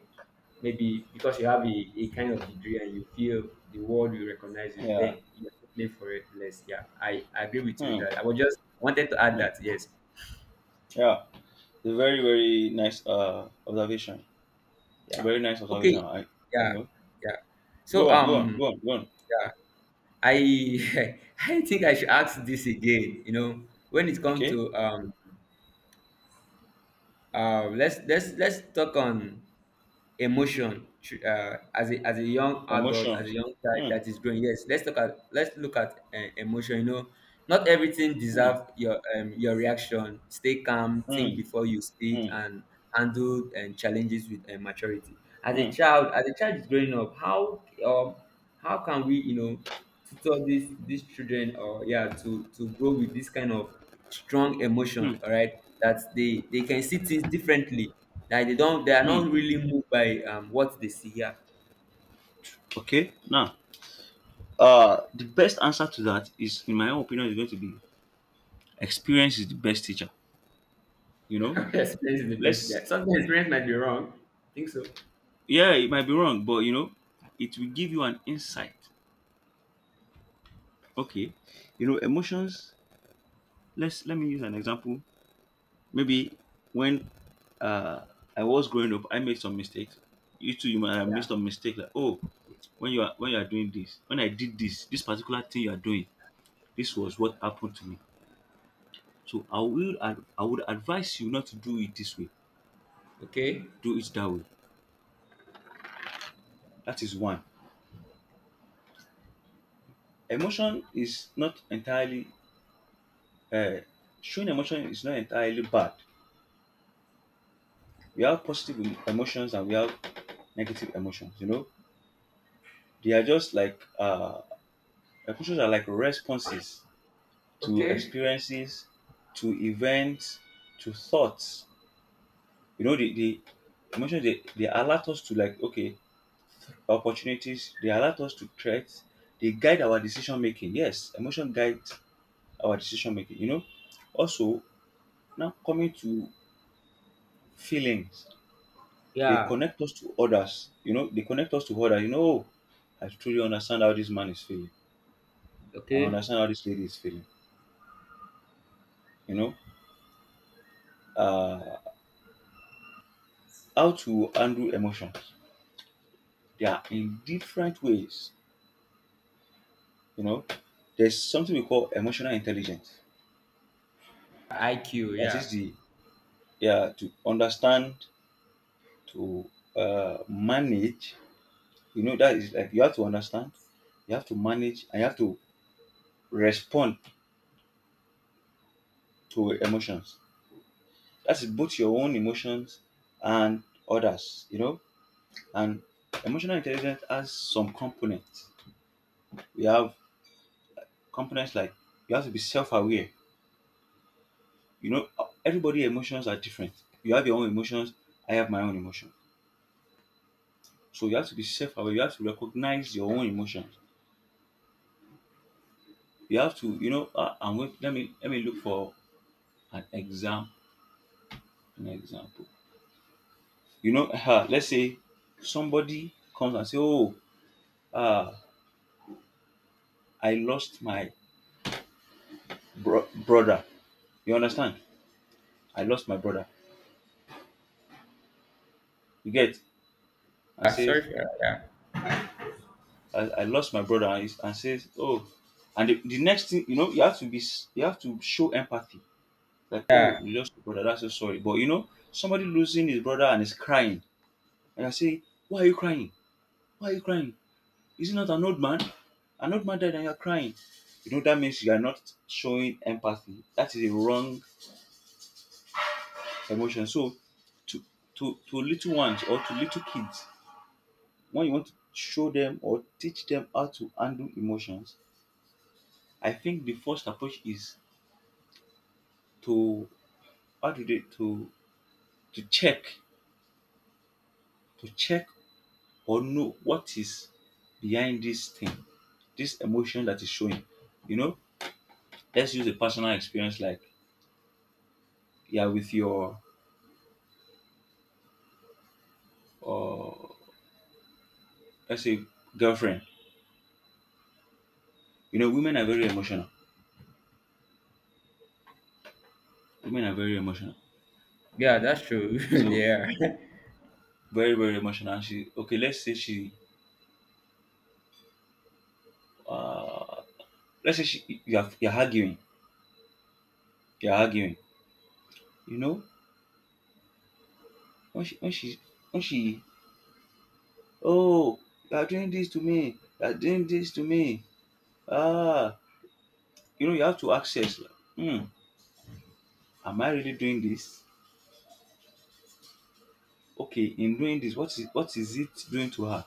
[SPEAKER 2] maybe because you have a, a kind of degree and you feel the world will recognize you,
[SPEAKER 1] Yeah.
[SPEAKER 2] then you're playing for it less. Yeah, i i agree with you with
[SPEAKER 1] Hmm,
[SPEAKER 2] that. I was just wanted to add
[SPEAKER 1] hmm.
[SPEAKER 2] that. Yes.
[SPEAKER 1] Yeah. A very very nice uh observation. A
[SPEAKER 2] Yeah.
[SPEAKER 1] very nice
[SPEAKER 2] Okay.
[SPEAKER 1] observation. I you
[SPEAKER 2] Yeah.
[SPEAKER 1] know.
[SPEAKER 2] Yeah. So
[SPEAKER 1] Go on. Go on.
[SPEAKER 2] um
[SPEAKER 1] Go on. Go on.
[SPEAKER 2] yeah, I I think I should ask this again, you know. When it comes
[SPEAKER 1] Okay.
[SPEAKER 2] to um. Um, let's let's let's talk on emotion tr- uh, as a as a young adult, as a
[SPEAKER 1] Emotions.
[SPEAKER 2] young child
[SPEAKER 1] Hmm,
[SPEAKER 2] that is growing. Yes, let's look at let's look at uh, emotion. You know, not everything
[SPEAKER 1] hmm,
[SPEAKER 2] deserve your um, your reaction. Stay calm, think
[SPEAKER 1] hmm,
[SPEAKER 2] before you speak,
[SPEAKER 1] hmm.
[SPEAKER 2] and handle um, challenges with uh, maturity. As a
[SPEAKER 1] Mm,
[SPEAKER 2] child, as a child is growing up, how um, how can we, you know, tutor these these children or yeah to to grow with this kind of strong emotion,
[SPEAKER 1] mm,
[SPEAKER 2] all right, that they they can see things differently, that they don't they are
[SPEAKER 1] mm.
[SPEAKER 2] not really moved by um what they see, yeah?
[SPEAKER 1] Okay. Now, uh, the best answer to that is, in my own opinion, is going to be experience is the best teacher. You know,
[SPEAKER 2] Experience is the best, yeah,
[SPEAKER 1] let's.
[SPEAKER 2] sometimes experience might be wrong, I think so.
[SPEAKER 1] Yeah, it might be wrong, but, you know, it will give you an insight. Okay, you know, emotions. Let's let me use an example. Maybe when uh I was growing up, I made some mistakes. You too, you might have made
[SPEAKER 2] Yeah.
[SPEAKER 1] some mistake. Like, oh, when you are when you are doing this, when I did this, this particular thing you are doing, this was what happened to me. So I will ad- I would advise you not to do it this way.
[SPEAKER 2] Okay.
[SPEAKER 1] Do it that way. That is one. Emotion is not entirely uh, showing emotion is not entirely bad. We have positive em- emotions and we have negative emotions. You know, they are just like uh, emotions are like responses to
[SPEAKER 2] Okay.
[SPEAKER 1] experiences, to events, to thoughts. You know, the the emotions, they, they alert us to, like, okay, opportunities, they alert us to threats, they guide our decision making. Yes, emotion guides our decision making, you know. Also, now coming to feelings, they
[SPEAKER 2] Yeah.
[SPEAKER 1] connect us to others, you know, they connect us to others, you know. "Oh, I truly understand how this man is feeling. I
[SPEAKER 2] Okay.
[SPEAKER 1] understand how this lady is feeling," you know. Uh, how to handle emotions. They are in different ways, you know. There's something we call emotional intelligence.
[SPEAKER 2] IQ.
[SPEAKER 1] That
[SPEAKER 2] Yeah.
[SPEAKER 1] is the yeah to understand to uh, manage. You know, that is like you have to understand, you have to manage, and you have to respond to emotions. That is both your own emotions and others, you know. And emotional intelligence has some components. We have components like you have to be self aware. You know, everybody emotions are different. You have your own emotions, I have my own emotions. So you have to be self aware, you have to recognize your own emotions. You have to, you know, uh, am going. let me let me look for an example. An example. You know, ah, let's say somebody comes and say, "Oh, ah, I lost my bro- brother." You understand? I lost my brother. You get? And
[SPEAKER 2] Yeah. Sorry
[SPEAKER 1] says,
[SPEAKER 2] for that. Yeah.
[SPEAKER 1] I, "I lost my brother," and, he's- and says, "Oh," and the, the next thing, you know, you have to be, s- you have to show empathy. Like, "Oh,
[SPEAKER 2] Yeah.
[SPEAKER 1] you lost your brother. That's so sorry." But you know, somebody losing his brother and is crying, and I say, "Why are you crying? Why are you crying?" Is it not an old man? An old man died and you're crying. You know, that means you are not showing empathy. That is a wrong emotion. So to to to little ones or to little kids, when you want to show them or teach them how to handle emotions, I think the first approach is to how do they to to check to check or know what is behind this thing, this emotion that is showing. You know, let's use a personal experience like yeah with your uh let's say girlfriend. You know, women are very emotional. Women are very emotional.
[SPEAKER 2] Yeah, that's true.
[SPEAKER 1] So
[SPEAKER 2] Yeah.
[SPEAKER 1] very very emotional. And she okay. Let's say she uh let's say she you are you're arguing. You're arguing. You know when she when she when she oh you are doing this to me. You are doing this to me. Ah, you know you have to access. Like, hmm, am I really doing this? Okay, in doing this, what is what is it doing to her?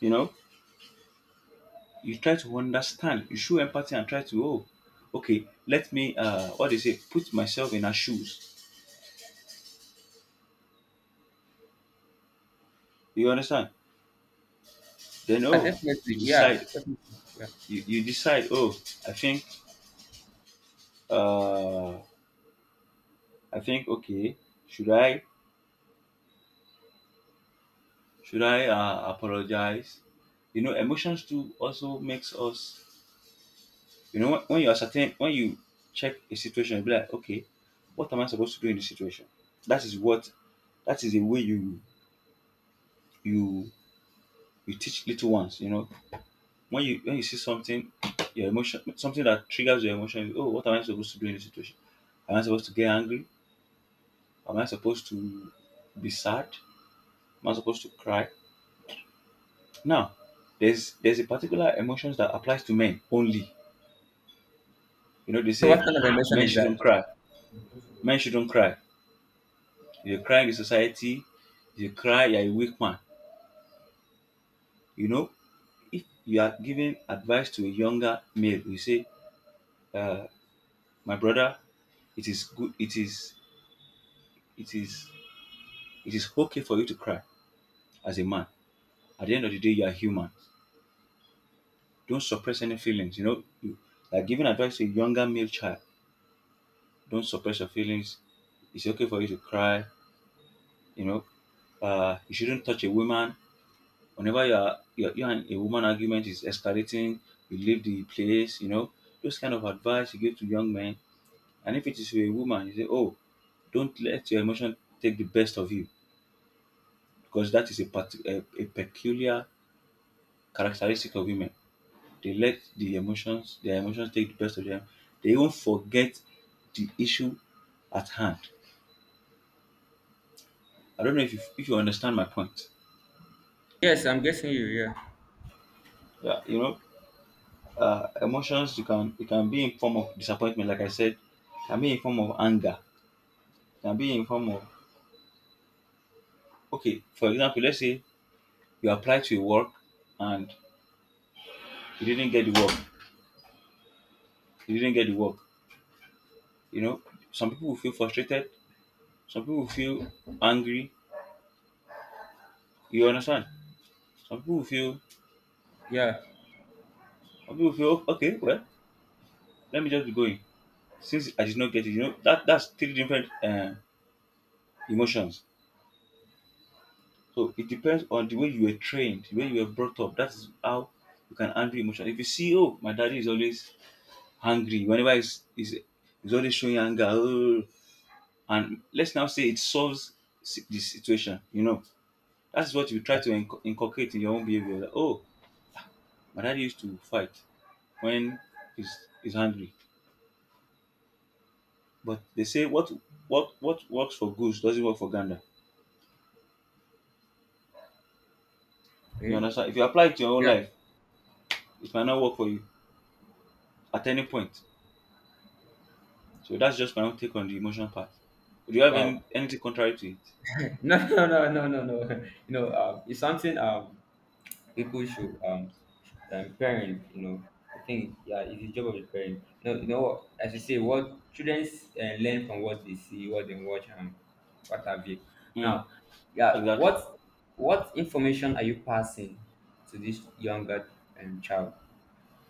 [SPEAKER 1] You know, you try to understand, you show empathy and try to, oh, okay, let me, uh, what they say, put myself in her shoes. You understand? Then,
[SPEAKER 2] Yeah,
[SPEAKER 1] oh,
[SPEAKER 2] definitely,
[SPEAKER 1] you
[SPEAKER 2] yeah
[SPEAKER 1] decide,
[SPEAKER 2] definitely. Yeah.
[SPEAKER 1] you, you decide, oh, I think, uh, I think, okay, should I, should I uh, apologize? You know, emotions too also makes us, you know, when, when you ascertain, when you check a situation, you be like, okay, what am I supposed to do in this situation? That is what, that is the way you, you, you teach little ones, you know, when you when you see something, your emotion something that triggers your emotion, oh, what am I supposed to do in this situation? Am I supposed to get angry? Am I supposed to be sad? Am I supposed to cry? Now, there's there's a particular emotions that applies to men only. You know, they
[SPEAKER 2] So
[SPEAKER 1] say
[SPEAKER 2] what kind of emotion
[SPEAKER 1] men
[SPEAKER 2] is
[SPEAKER 1] shouldn't
[SPEAKER 2] that?
[SPEAKER 1] cry. Men shouldn't cry. If you cry in the society, if you cry, you're a weak man. You know, if you are giving advice to a younger male, you say, uh, my brother, it is good it is it is it is okay for you to cry as a man. At the end of the day, you are human. Don't suppress any feelings. You know, you, like giving advice to a younger male child. Don't suppress your feelings. It's okay for you to cry. You know, uh, you shouldn't touch a woman. Whenever you are you, you and a woman argument is escalating, you leave the place. You know, those kind of advice you give to young men. And if it is to a woman, you say, "Oh, don't let your emotion take the best of you," because that is a, parti- a, a peculiar characteristic of women. They let the emotions their emotions take the best of them. They even forget the issue at hand. I don't know if you if you understand my point.
[SPEAKER 2] Yes, I'm guessing you. Yeah.
[SPEAKER 1] Yeah, you know uh, emotions, you can it can be in form of disappointment, like I said. Can be in form of anger. Can be in form of. Okay, for example, let's say you apply to a work and you didn't get the work. You didn't get the work. You know some people will feel frustrated. Some people will feel angry. You understand? Some people will feel.
[SPEAKER 2] Yeah.
[SPEAKER 1] Some people will feel, okay, well, let me just be going. Since I did not get it, you know, that that's three different uh, emotions. So it depends on the way you were trained, the way you were brought up. That is how you can handle emotion. If you see, oh, my daddy is always angry. Whenever he's he's, he's always showing anger, oh, and let's now say it solves si- the situation. You know, that's what you try to inc- inculcate in your own behavior. Like, oh, my daddy used to fight when he's he's angry. But they say what what what works for goose doesn't work for gander. You
[SPEAKER 2] Okay.
[SPEAKER 1] understand? If you apply it to your own
[SPEAKER 2] Yeah.
[SPEAKER 1] life, it might not work for you at any point. So that's just my own take on the emotional part. Do you have
[SPEAKER 2] Wow.
[SPEAKER 1] any, anything contrary to it?
[SPEAKER 2] No, no, no, no, no, no. You know, um, it's something um people should um, um parent. You know, I think yeah, it's the job of the parent. No, you know, what, as you say, what children uh, learn from what they see, what they watch, and what have you.
[SPEAKER 1] Mm,
[SPEAKER 2] Now, yeah,
[SPEAKER 1] exactly.
[SPEAKER 2] what what information are you passing to this younger um, child?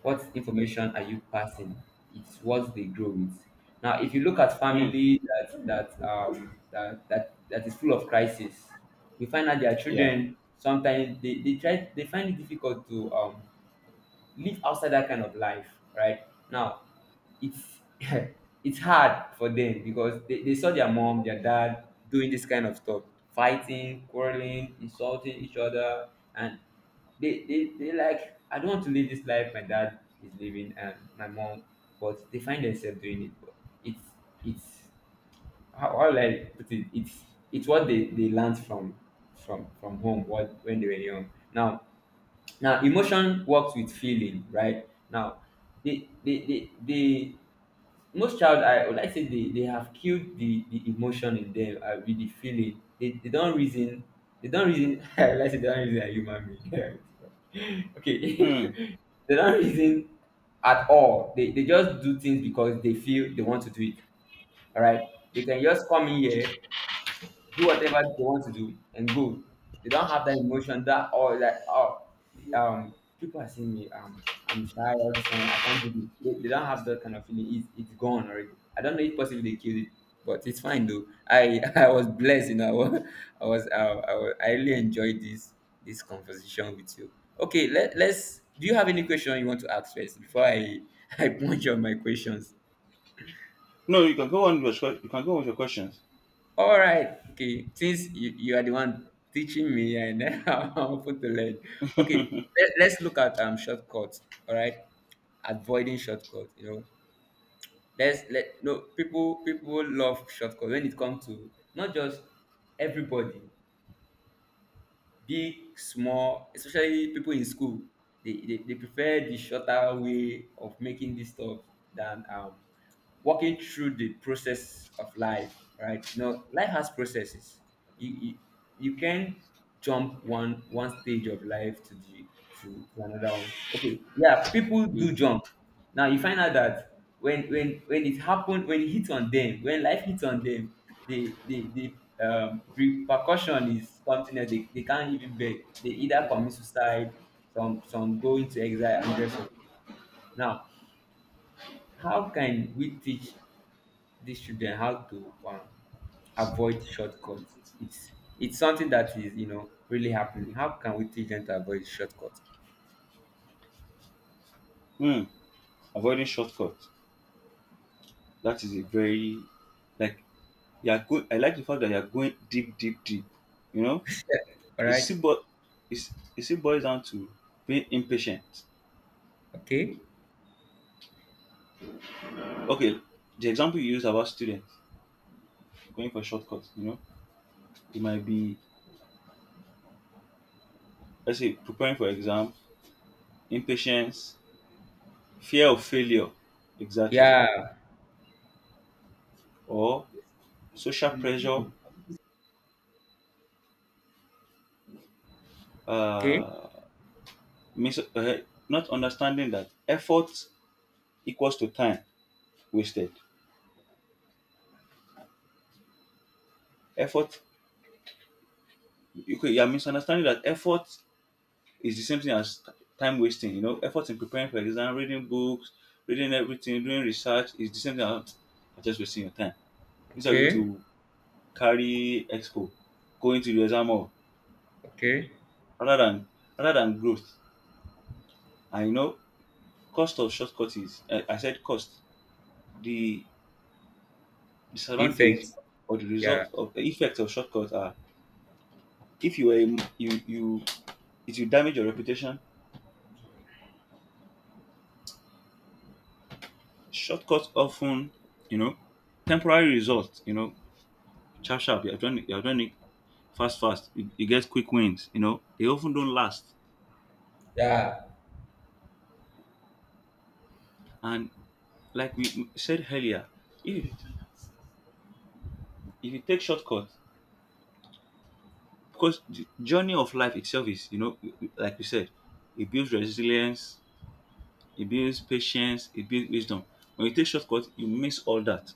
[SPEAKER 2] What information are you passing? It's what they grow with. Now if you look at
[SPEAKER 1] Mm,
[SPEAKER 2] family that that um that that, that is full of crisis, you find out their
[SPEAKER 1] yeah.
[SPEAKER 2] children sometimes they, they try, they find it difficult to um live outside that kind of life, right? Now it's it's hard for them because they, they saw their mom their dad doing this kind of stuff, fighting, quarreling, insulting each other, and they they they like, I don't want to live this life my dad is living and my mom, but they find themselves doing it. But it's it's how, how will I put it? It's it's what they they learned from from from home, what when they were young. Now, now emotion works with feeling, right? Now they they they, they most child, I would like say, they they have killed the the emotion in them uh, with the feeling, they, they don't reason, they don't reason, I would like say they don't reason like human being. Okay.
[SPEAKER 1] Mm.
[SPEAKER 2] They don't reason at all, they, they just do things because they feel they want to do it, all right? They can just come in here, do whatever they want to do and go. They don't have that emotion that oh like oh um people are seeing me um I'm shy, all this kind of I can't do it. They, they don't have that kind of feeling. It's it's gone already. I don't know if possibly they killed it, but it's fine though. I I was blessed, you know. I was I was, uh, I, was I really enjoyed this this conversation with you. Okay, let let's. Do you have any question you want to ask first before I I punch on my questions?
[SPEAKER 1] No, you can go on with your you can go on with your questions.
[SPEAKER 2] All right. Okay. Since you, you are the one teaching me, and I'm open to learn. Okay. Let, let's look at um shortcuts. All right. Avoiding shortcuts. You know. Let's let No, people people love shortcuts when it comes to not just everybody, big, small, especially people in school. They, they, they prefer the shorter way of making this stuff than um, walking through the process of life, right? No, life has processes. You, you, you can jump one one stage of life to the to, to another one. Okay, yeah, people do
[SPEAKER 1] Mm.
[SPEAKER 2] jump. Now you find out that when when when it happened when it hits on them when life hits on them, the the the um, repercussion is something that they, they can't even bear. They either commit suicide, some some go into exile, and the rest of it. Now how can we teach these children how to um, avoid shortcuts? It's it's something that is you know really happening. How can we teach them to avoid shortcuts?
[SPEAKER 1] Mm. Avoiding shortcuts. That is a very, like, you are good. I like the fact that you are going deep, deep, deep. You know,
[SPEAKER 2] All
[SPEAKER 1] it
[SPEAKER 2] right.
[SPEAKER 1] still bo- it's, it still boils down to being impatient.
[SPEAKER 2] Okay.
[SPEAKER 1] Okay, the example you used about students going for shortcuts. You know, it might be, let's say, preparing for exam, impatience, fear of failure, exactly,
[SPEAKER 2] Yeah.
[SPEAKER 1] or social pressure,
[SPEAKER 2] Okay.
[SPEAKER 1] uh, mis- uh, not understanding that effort equals to time wasted. Effort, you could- you're misunderstanding that effort is the same thing as t- time wasting. You know, effort in preparing for exam, reading books, reading everything, doing research is the same thing as "Ah, just wasting your time. Instead of you
[SPEAKER 2] Okay.
[SPEAKER 1] to carry expo, going to the exam hall,
[SPEAKER 2] Okay.
[SPEAKER 1] rather than rather than growth." And you know, cost of shortcuts. I, I said cost. The disadvantage
[SPEAKER 2] the
[SPEAKER 1] or the
[SPEAKER 2] Yeah.
[SPEAKER 1] result of the effect of shortcuts are, if you were a- m- you you it will damage your reputation. Shortcuts often, you know, temporary results. You know, sharp sharp. You're doing you're doing it fast fast. You, you get quick wins. You know, they often don't last.
[SPEAKER 2] Yeah.
[SPEAKER 1] And like we said earlier, if if you take shortcuts, because the journey of life itself is, you know, like we said, it builds resilience, it builds patience, it builds wisdom. When you take shortcut, you miss all that.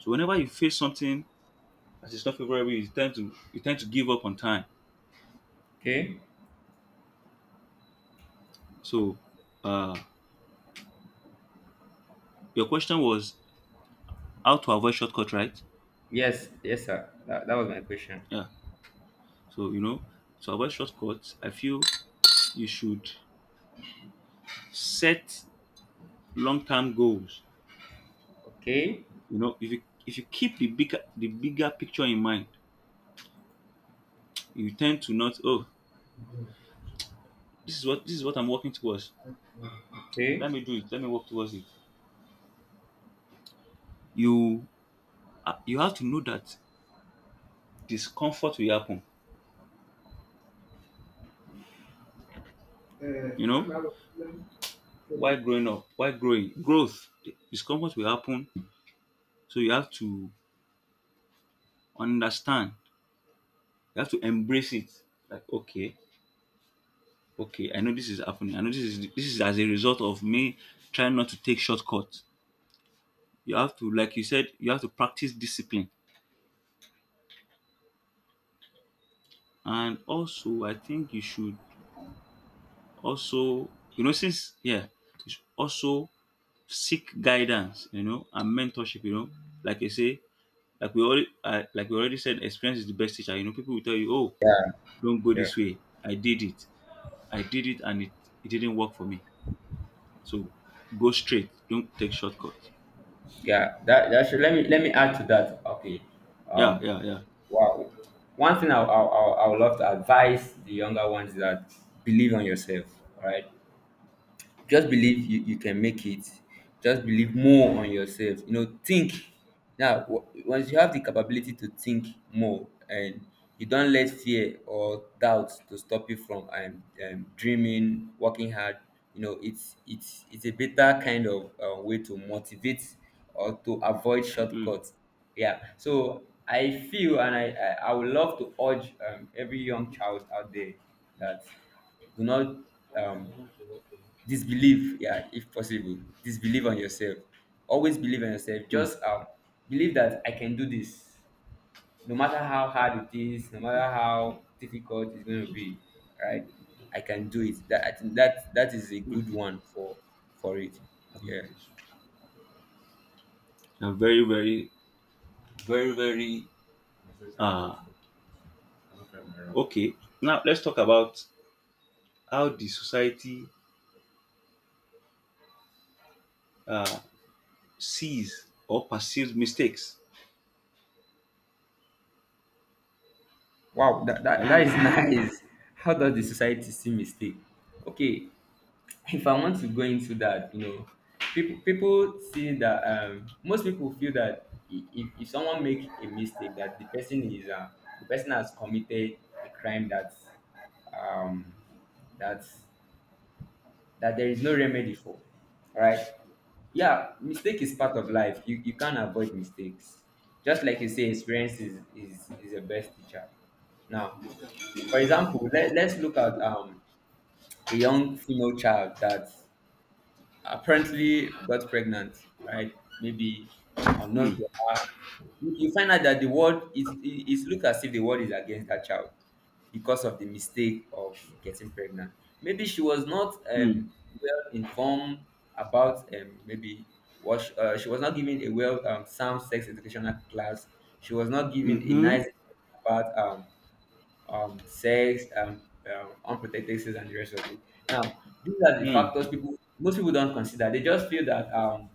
[SPEAKER 1] So whenever you face something that is not favorable, you tend to you tend to give up on time.
[SPEAKER 2] Okay.
[SPEAKER 1] So uh your question was how to avoid shortcut, right?
[SPEAKER 2] Yes. Yes, sir. That, that was my question.
[SPEAKER 1] Yeah. So, you know, to avoid shortcuts, I feel you should set long-term goals.
[SPEAKER 2] Okay.
[SPEAKER 1] You know, if you if you keep the bigger the bigger picture in mind, you tend to not, oh, this is what this is what I'm working towards.
[SPEAKER 2] Okay.
[SPEAKER 1] Let me do it. Let me work towards it. You, uh, you have to know that discomfort will happen, you know, while growing up, while growing, growth, discomfort will happen. So you have to understand, you have to embrace it. Like, okay, okay, I know this is happening. I know this is this is as a result of me trying not to take shortcuts. You have to, like you said, you have to practice discipline. And also I think you should also, you know, since, yeah, you should also seek guidance, you know, and mentorship, you know. Like I say, Like we already uh, like we already said, experience is the best teacher. You know, people will tell you, "Oh,
[SPEAKER 2] Yeah.
[SPEAKER 1] don't go
[SPEAKER 2] Yeah.
[SPEAKER 1] this way. I did it. I did it, and it, it didn't work for me. So go straight. Don't take shortcuts."
[SPEAKER 2] Yeah. That that should Let me let me add to that. Okay.
[SPEAKER 1] Yeah,
[SPEAKER 2] Um.
[SPEAKER 1] yeah, yeah.
[SPEAKER 2] Wow. One thing I I I I would love to advise the younger ones is that, believe on yourself. All right. Just believe you, you can make it. Just believe more on yourself. You know, think. Now, w- once you have the capability to think more, and you don't let fear or doubt to stop you from um, um, dreaming, working hard, you know, it's it's it's a better kind of uh, way to motivate or to avoid
[SPEAKER 1] Mm,
[SPEAKER 2] shortcuts. Yeah. So I feel, and I, I, I would love to urge um, every young child out there that, do not um, disbelieve, yeah, if possible. Disbelieve on yourself, always believe in yourself,
[SPEAKER 1] mm,
[SPEAKER 2] just um believe that I can do this, no matter how hard it is, no matter how difficult it's going to be, right? I can do it. That, I think, that that is a good
[SPEAKER 1] mm.
[SPEAKER 2] one for for it. Yeah.
[SPEAKER 1] Yeah, very, very, very, very. Uh, okay. Now let's talk about how the society uh, sees or perceives mistakes.
[SPEAKER 2] Wow, that that,
[SPEAKER 1] Are you
[SPEAKER 2] that is
[SPEAKER 1] with me?
[SPEAKER 2] nice. How does the society see mistake? Okay, if I want to go into that, you know, people people see that, um most people feel that i- if, if someone make a mistake, that the person is uh, the person has committed a crime, that's um that's that there is no remedy for, right? Yeah, mistake is part of life. You, you can't avoid mistakes, just like you say, experience is is, is the best teacher. Now for example, let, let's look at um, a young female child that apparently got pregnant, right? Maybe unknown
[SPEAKER 1] Mm,
[SPEAKER 2] to her. You you find out that the world is it- it's look as if the world is against that child, because of the mistake of getting pregnant. Maybe she was not
[SPEAKER 1] mm,
[SPEAKER 2] um, well informed about, um, maybe what she, uh, she was not given a well um, sound sex educational class. She was not given a
[SPEAKER 1] mm-hmm,
[SPEAKER 2] nice about um, um, sex, um, um, unprotected sex, and the rest of it. Now, these are the factors
[SPEAKER 1] mm,
[SPEAKER 2] people most people don't consider. They just feel that, um,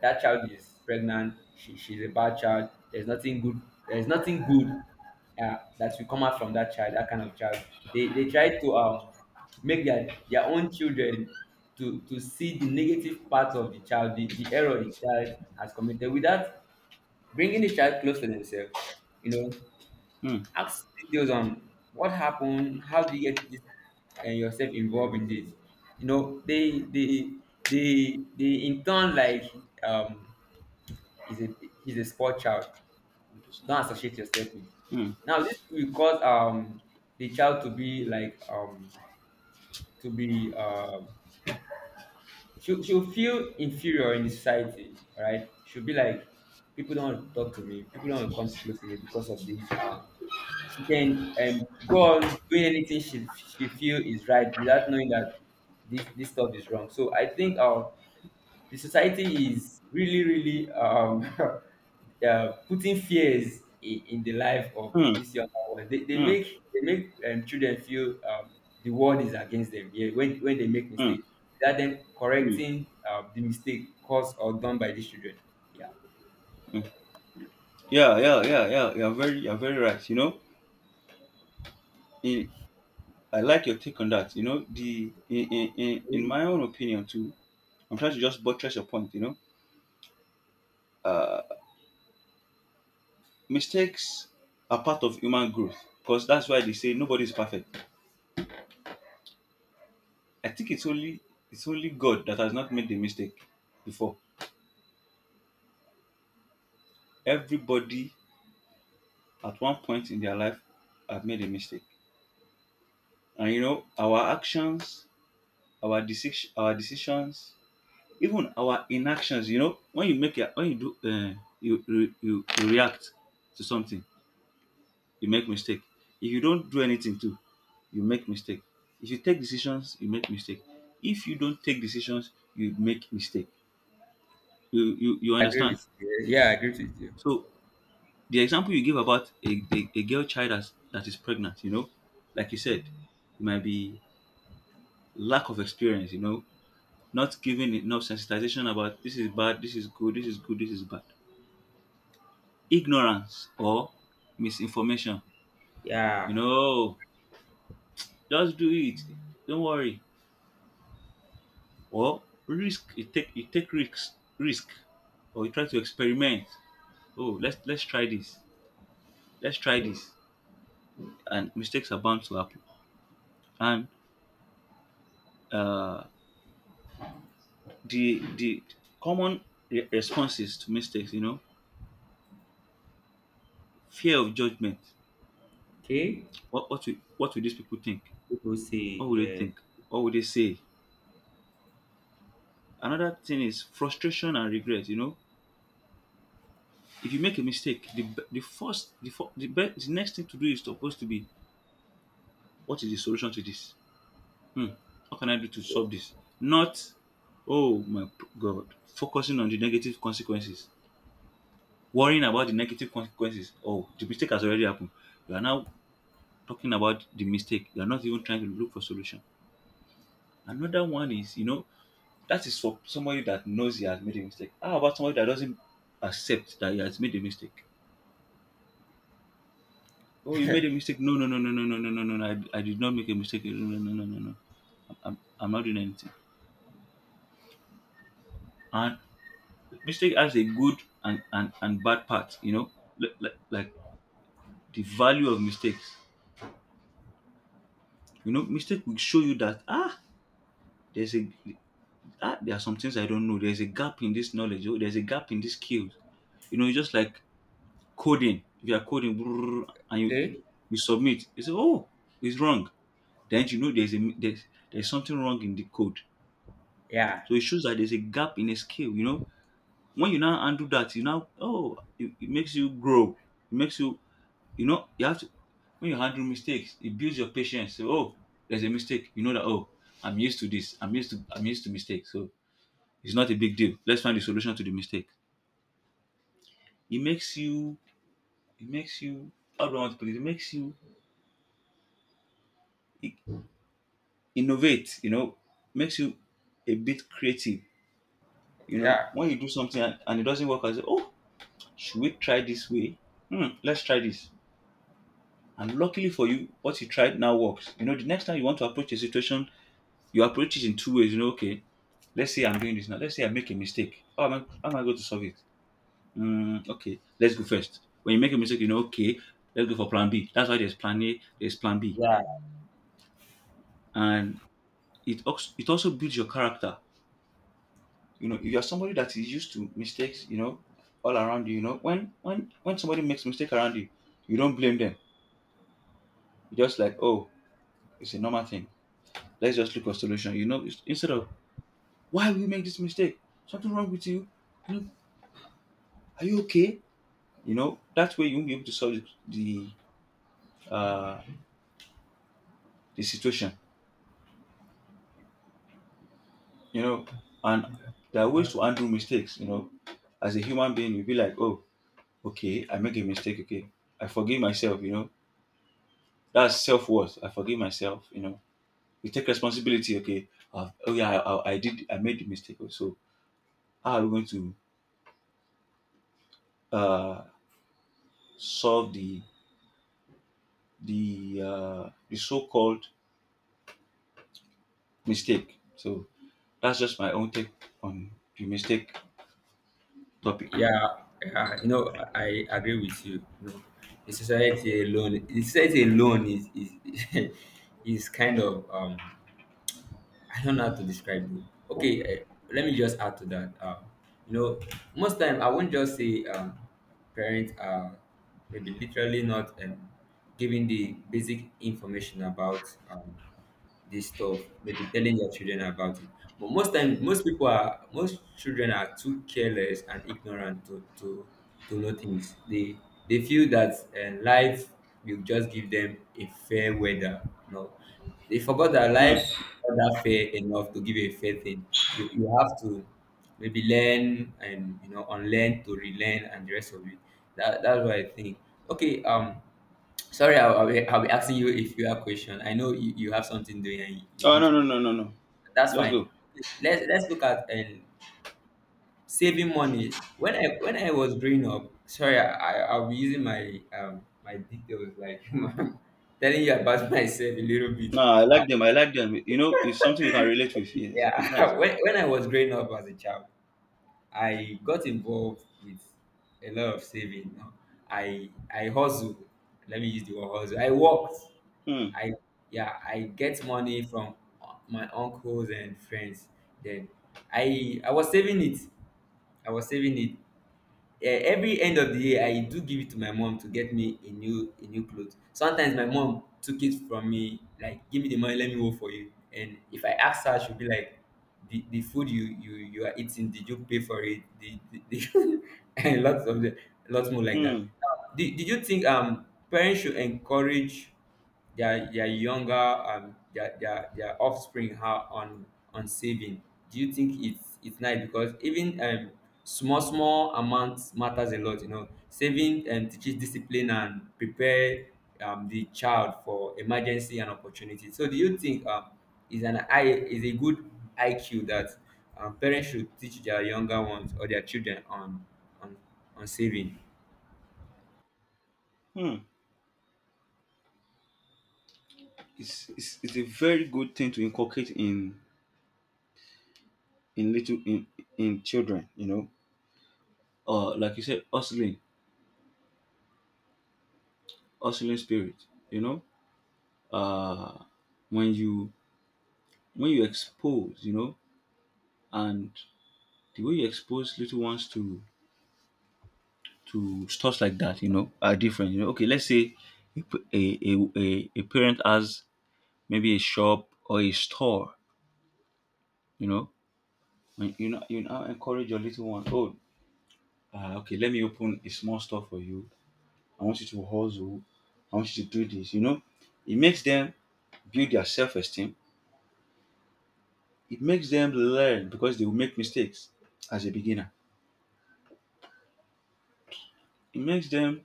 [SPEAKER 2] that child is pregnant. She, she's a bad child. There's nothing good. There's nothing good uh, that will come out from that child. That kind of child. They they try to um, make their their own children to to see the negative parts of the child, the, the error the child has committed, without bringing the child close to themselves. You know,
[SPEAKER 1] mm,
[SPEAKER 2] Ask details on what happened, how do you get this, and yourself involved in this. You know, they they they they in turn, like, um is a he's a sport child. Don't associate yourself with.
[SPEAKER 1] mm,
[SPEAKER 2] Now this will cause, um the child to be like um to be um she'll, she'll feel inferior in the society, right? Right? She'll be like, people don't want to talk to me, people don't want to come close to me because of this. Um, she can um, go on doing anything she, she feel is right, without knowing that this, this stuff is wrong. So I think, uh, the society is really really um uh, putting fears in, in the life of
[SPEAKER 1] mm, mm,
[SPEAKER 2] this young ones. They, they
[SPEAKER 1] mm,
[SPEAKER 2] make they make um, children feel, um, the world is against them. Yeah, when when they make
[SPEAKER 1] mm,
[SPEAKER 2] mistake, without them
[SPEAKER 1] mm.
[SPEAKER 2] correcting, uh, the mistake caused or done by these children. Yeah,
[SPEAKER 1] Yeah, yeah, yeah, yeah. You're very, you're very right. You know, in, I like your take on that. You know, the in, in, in in my own opinion too. I'm trying to just buttress your point. You know, uh, mistakes are part of human growth, because that's why they say nobody is perfect. I think it's only it's only God that has not made the mistake before. Everybody at one point in their life have made a mistake, and, you know, our actions, our decision, our decisions, even our inactions. You know, when you make a when you do, uh, you, you you you react to something, you make mistake. If you don't do anything too, you make mistake. If you take decisions, you make mistake. If you don't take decisions, you make mistake. You you, you
[SPEAKER 2] I agree
[SPEAKER 1] understand.
[SPEAKER 2] with you. Yeah, I agree with you.
[SPEAKER 1] So the example you give about a, a, a girl child that's, that is pregnant, you know, like you said, it might be lack of experience, you know, not giving enough sensitization about this is bad, this is good, this is good, this is bad, ignorance or misinformation. You
[SPEAKER 2] Yeah.
[SPEAKER 1] know, just do it. Don't worry. Or risk. You take you take risks. Risk. Or you try to experiment. Oh, let's let's try this. Let's try this. And mistakes are bound to happen. And uh, the the common re- responses to mistakes. You know, fear of judgment.
[SPEAKER 2] Okay.
[SPEAKER 1] What what will, what will these people think?
[SPEAKER 2] People say
[SPEAKER 1] What will they
[SPEAKER 2] yeah.
[SPEAKER 1] think? What will they say? Another thing is frustration and regret. You know, if you make a mistake, the b- the first the fir- the, be- the next thing to do is supposed to be, what is the solution to this? Hmm, what can I do to solve this? Not, oh my p- god, focusing on the negative consequences, worrying about the negative consequences. Oh, the mistake has already happened. You are now talking about the mistake. You are not even trying to look for solution. Another one is, you know, that is for somebody that knows he has made a mistake. How about somebody that doesn't accept that he has made a mistake? Oh, you made a mistake. No, no, no, no, no, no, no, no, no, no. I, I did not make a mistake. No, no, no, no, no, no. I'm, I'm not doing anything. And mistake has a good and, and, and bad part, you know, like, like, like the value of mistakes. You know, mistake will show you that, ah, there's a, ah, there are some things I don't know. There's a gap in this knowledge. Oh, there's a gap in this skills. You know, it's just like coding. If you are coding brrr, and you,
[SPEAKER 2] Okay.
[SPEAKER 1] you submit, you say, oh, it's wrong. Then you know there's a, there's, there's something wrong in the code.
[SPEAKER 2] Yeah.
[SPEAKER 1] So it shows that there's a gap in a scale, you know. When you now undo that, you now, oh, it, it makes you grow. It makes you, you know, you have to, when you handle mistakes, it builds your patience. So, oh, there's a mistake. You know that, oh, I'm used to this. I'm used to I'm used to mistakes. So it's not a big deal. Let's find the solution to the mistake. It makes you it makes you, how do I want to put it? It makes you i- innovate, you know, makes you a bit creative. You know,
[SPEAKER 2] Yeah.
[SPEAKER 1] when you do something, and and it doesn't work, I say, oh, should we try this way? Hmm, let's try this. And luckily for you, what you tried now works. You know, the next time you want to approach a situation, you approach it in two ways. You know, okay, let's say I'm doing this now. Let's say I make a mistake. How am I, how am I going to solve it? Hmm, okay, let's go first. When you make a mistake, you know, okay, let's go for plan B. That's why there's plan A, there's plan B.
[SPEAKER 2] Yeah.
[SPEAKER 1] And it also, it also builds your character. You know, if you're somebody that is used to mistakes, you know, all around you, you know, when when when somebody makes mistake around you, you don't blame them. You're just like, oh, it's a normal thing. Let's just look for solution. You know, it's, instead of, why will you make this mistake? Something wrong with you? You know, are you okay? You know, that way you won't be able to solve the the, uh, the situation. You know, and there are ways to undo mistakes. You know, as a human being, you'll be like, oh, okay, I make a mistake. Okay, I forgive myself. You know, that's self worth. I forgive myself. You know, you take responsibility. Okay, uh, oh, yeah, I, I I did. I made the mistake. Oh, so how are we going to, uh, solve the the uh, the so-called mistake. So that's just my own take on the mistake topic.
[SPEAKER 2] Yeah, yeah, you know, I agree with you. You know, the society alone, the society alone is is is kind of, um I don't know how to describe it. Okay, uh, let me just add to that. Um, you know, most time, I won't just say, um, parents are maybe literally not, um, giving the basic information about, um, this stuff, maybe telling their children about it. But most time, most people are, most children are too careless and ignorant to to, to know things. They they feel that, uh, life will just give them a fair weather. No, they forgot that
[SPEAKER 1] Hmm.
[SPEAKER 2] life is not that fair enough to give a fair thing. You you have to maybe learn, and you know unlearn to relearn, and the rest of it. That that's what I think. Okay, um, sorry, I'll, I'll, be, I'll be asking you a few question. I know you, you have something doing, and you, you
[SPEAKER 1] Oh,
[SPEAKER 2] want
[SPEAKER 1] no,
[SPEAKER 2] to
[SPEAKER 1] no,
[SPEAKER 2] go.
[SPEAKER 1] no, no, no.
[SPEAKER 2] That's
[SPEAKER 1] Let's
[SPEAKER 2] fine.
[SPEAKER 1] go.
[SPEAKER 2] Okay, let's let's look at um, saving money. When I when I was growing up, sorry, I I- I'll be using my um my details, like telling you about myself a little bit.
[SPEAKER 1] No, I like them. I like them. You know, it's something we can relate with. Yes, it's nice.
[SPEAKER 2] Yeah, when, when I was growing up as a child, I got involved with a lot of saving. you know. I I hustle. Let me use the word hustle. I worked.
[SPEAKER 1] Hmm.
[SPEAKER 2] I yeah. I get money from my uncles and friends. Then I I was saving it. I was saving it. Eh, every end of the year I do give it to my mom to get me a new a new cloth. Sometimes my mom took it from me, like, give me the money, let me work for you. And if I ask her, she'll be like, the, the food you, you you are eating, did you pay for it? Did, did, did And lots of the lots more like that.
[SPEAKER 1] Hmm.
[SPEAKER 2] Now, did, did you think, um parents should encourage their their younger, um their their, their offspring, are on on saving? Do you think it's it's nice because, even um small small amounts matters a lot. You know saving um teaches discipline and prepare, um the child for emergency and opportunity. So do you think um is an I is a good I Q, that, um, parents should teach their younger ones or their children on on on saving
[SPEAKER 1] Hmm. It's, it's it's a very good thing to inculcate in in little in in children. You know, uh, like you said, hustling, hustling spirit. You know, uh, when you when you expose, you know, and the way you expose little ones to to stuff like that, you know, are different. You know, okay, let's say a p- a a, a, a parent has maybe a shop or a store, you know, and you know you now encourage your little one. Oh, uh, okay, let me open a small store for you. I want you to hustle. I want you to do this. You know, it makes them build their self esteem. It makes them learn because they will make mistakes as a beginner. It makes them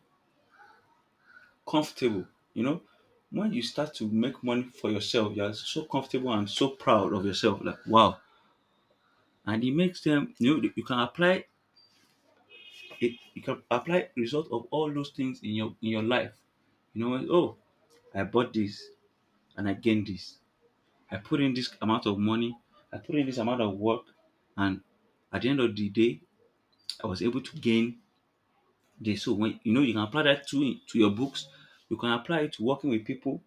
[SPEAKER 1] comfortable, you know. When you start to make money for yourself, you are so comfortable and so proud of yourself. Like wow, and it makes them, you know, you can apply it. You can apply result of all those things in your in your life. You know, oh, I bought this and I gained this. I put in this amount of money. I put in this amount of work, and at the end of the day, I was able to gain this. So when you know you can apply that to to your books, you can apply it to working with people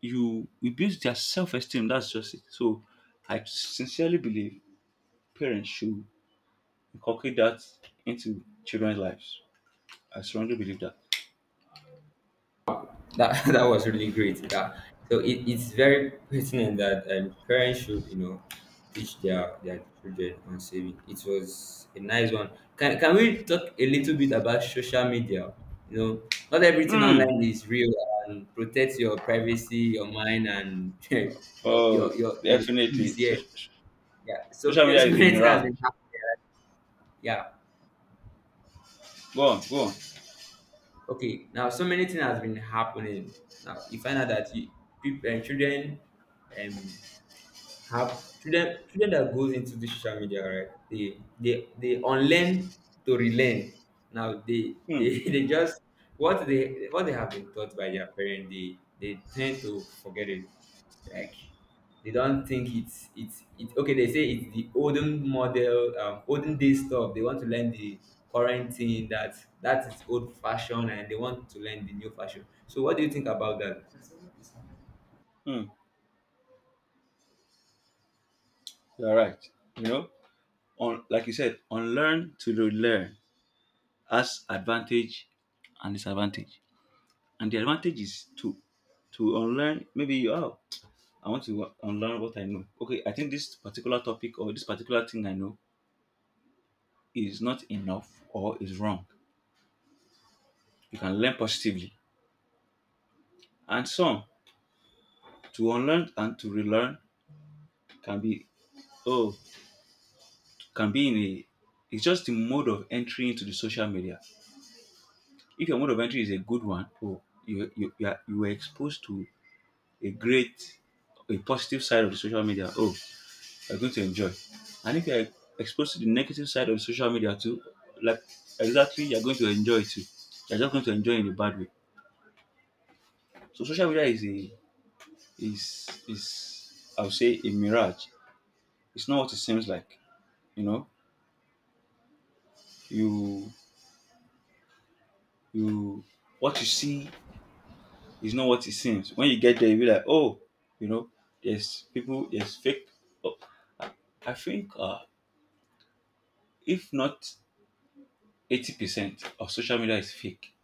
[SPEAKER 1] you it builds their self-esteem. That's just it. So I sincerely believe parents should inculcate that into children's lives. I strongly believe that.
[SPEAKER 2] That that was really great. That so it, it's very pertinent that, um, parents should you know teach their their children on saving. It was a nice one. Can can we talk a little bit about social media? You know, not everything
[SPEAKER 1] Hmm.
[SPEAKER 2] online is real, and protect your privacy, your mind, and your your
[SPEAKER 1] Oh,
[SPEAKER 2] your your peace.
[SPEAKER 1] definitely. So,
[SPEAKER 2] Yeah, yeah. So
[SPEAKER 1] social
[SPEAKER 2] yeah,
[SPEAKER 1] media
[SPEAKER 2] so
[SPEAKER 1] is a
[SPEAKER 2] many things has
[SPEAKER 1] mirage.
[SPEAKER 2] been happening. Yeah.
[SPEAKER 1] Go on, go on.
[SPEAKER 2] Okay. Now so many things has been happening. Now you find out that, you, people, uh, children. Um, have children children that goes into the social media, right? They they they unlearn to relearn. Now they
[SPEAKER 1] Hmm.
[SPEAKER 2] they they just, what they what they have been taught by their parents, they they tend to forget it. Like, they don't think it's it's it's okay. They say it's the olden model um, olden day stuff. They want to learn the current thing, that that is old fashion, and they want to learn the new fashion. So what do you think about that?
[SPEAKER 1] Hmm. You're right. You know, on like you said, unlearn to relearn has advantage and disadvantage. And the advantage is to to unlearn, maybe you are, I want to unlearn what I know. Okay, I think this particular topic or this particular thing I know is not enough or is wrong. You can learn positively. And some to unlearn and to relearn can be, oh, can be in a, it's just the mode of entry into the social media. If your mode of entry is a good one, oh, you you you, are, you were exposed to a great, a positive side of the social media. Oh, you're going to enjoy. And if you're exposed to the negative side of social media too, like exactly, you're going to enjoy it too. You're just going to enjoy it in a bad way. So social media is a, is, is, I would say, a mirage. It's not what it seems like. You know? You you what you see is not what it seems. When you get there you'll be like, oh, you know, there's people, there's fake. Oh, I think uh, if not eighty percent of social media is fake,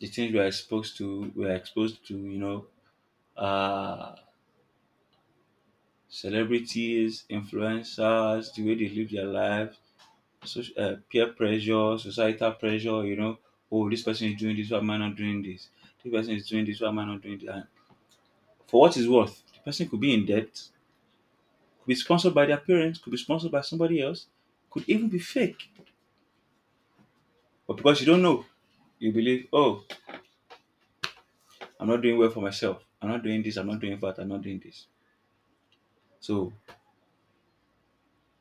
[SPEAKER 1] the things we are exposed to we are exposed to, you know, uh celebrities, influencers, the way they live their lives. So uh, peer pressure, societal pressure, you know, oh, this person is doing this, why am I not doing this, this person is doing this, why am I not doing that? And for what it's worth, the person could be in debt, could be sponsored by their parents, could be sponsored by somebody else, could even be fake, but because you don't know, you believe, oh, I'm not doing well for myself, I'm not doing this, I'm not doing that, I'm not doing this. So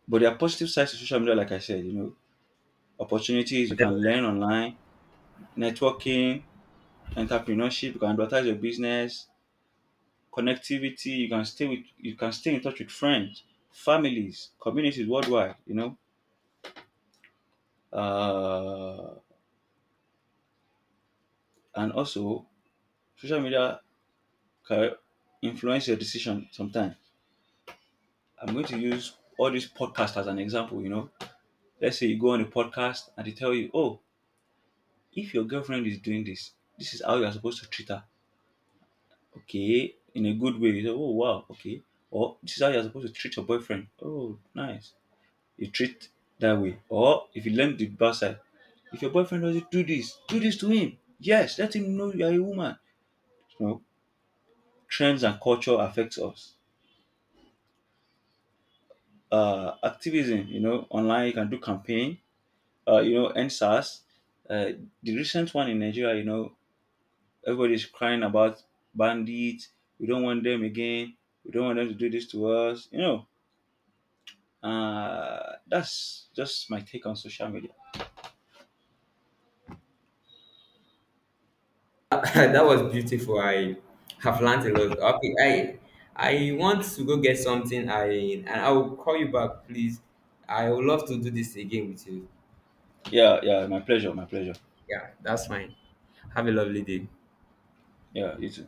[SPEAKER 1] but there are positive sides to social media, like I said, you know, opportunities, you can learn online, networking, entrepreneurship, you can advertise your business, connectivity, you can stay with you can stay in touch with friends, families, communities worldwide, you know. Uh, and also social media can influence your decision sometimes. I'm going to use all these podcasts as an example, you know. Let's say you go on a podcast and they tell you, oh, if your girlfriend is doing this, this is how you are supposed to treat her. Okay, in a good way. You say, oh wow, okay. Or this is how you're supposed to treat your boyfriend. Oh, nice. You treat that way. Or if you learn the bad side, if your boyfriend doesn't do this, do this to him. Yes, let him know you are a woman. You know, trends and culture affects us. Uh, activism. You know, online you can do campaign. Uh, you know, N S A S. Uh, the recent one in Nigeria. You know, everybody's crying about bandits. We don't want them again. We don't want them to do this to us. You know, Uh, that's just my take on social media.
[SPEAKER 2] That was beautiful. I have learned a lot. Okay, I I want to go get something. I and I will call you back, please. I would love to do this again with you.
[SPEAKER 1] Yeah, yeah, my pleasure, my pleasure.
[SPEAKER 2] Yeah, that's fine. Have a lovely day.
[SPEAKER 1] Yeah, you too.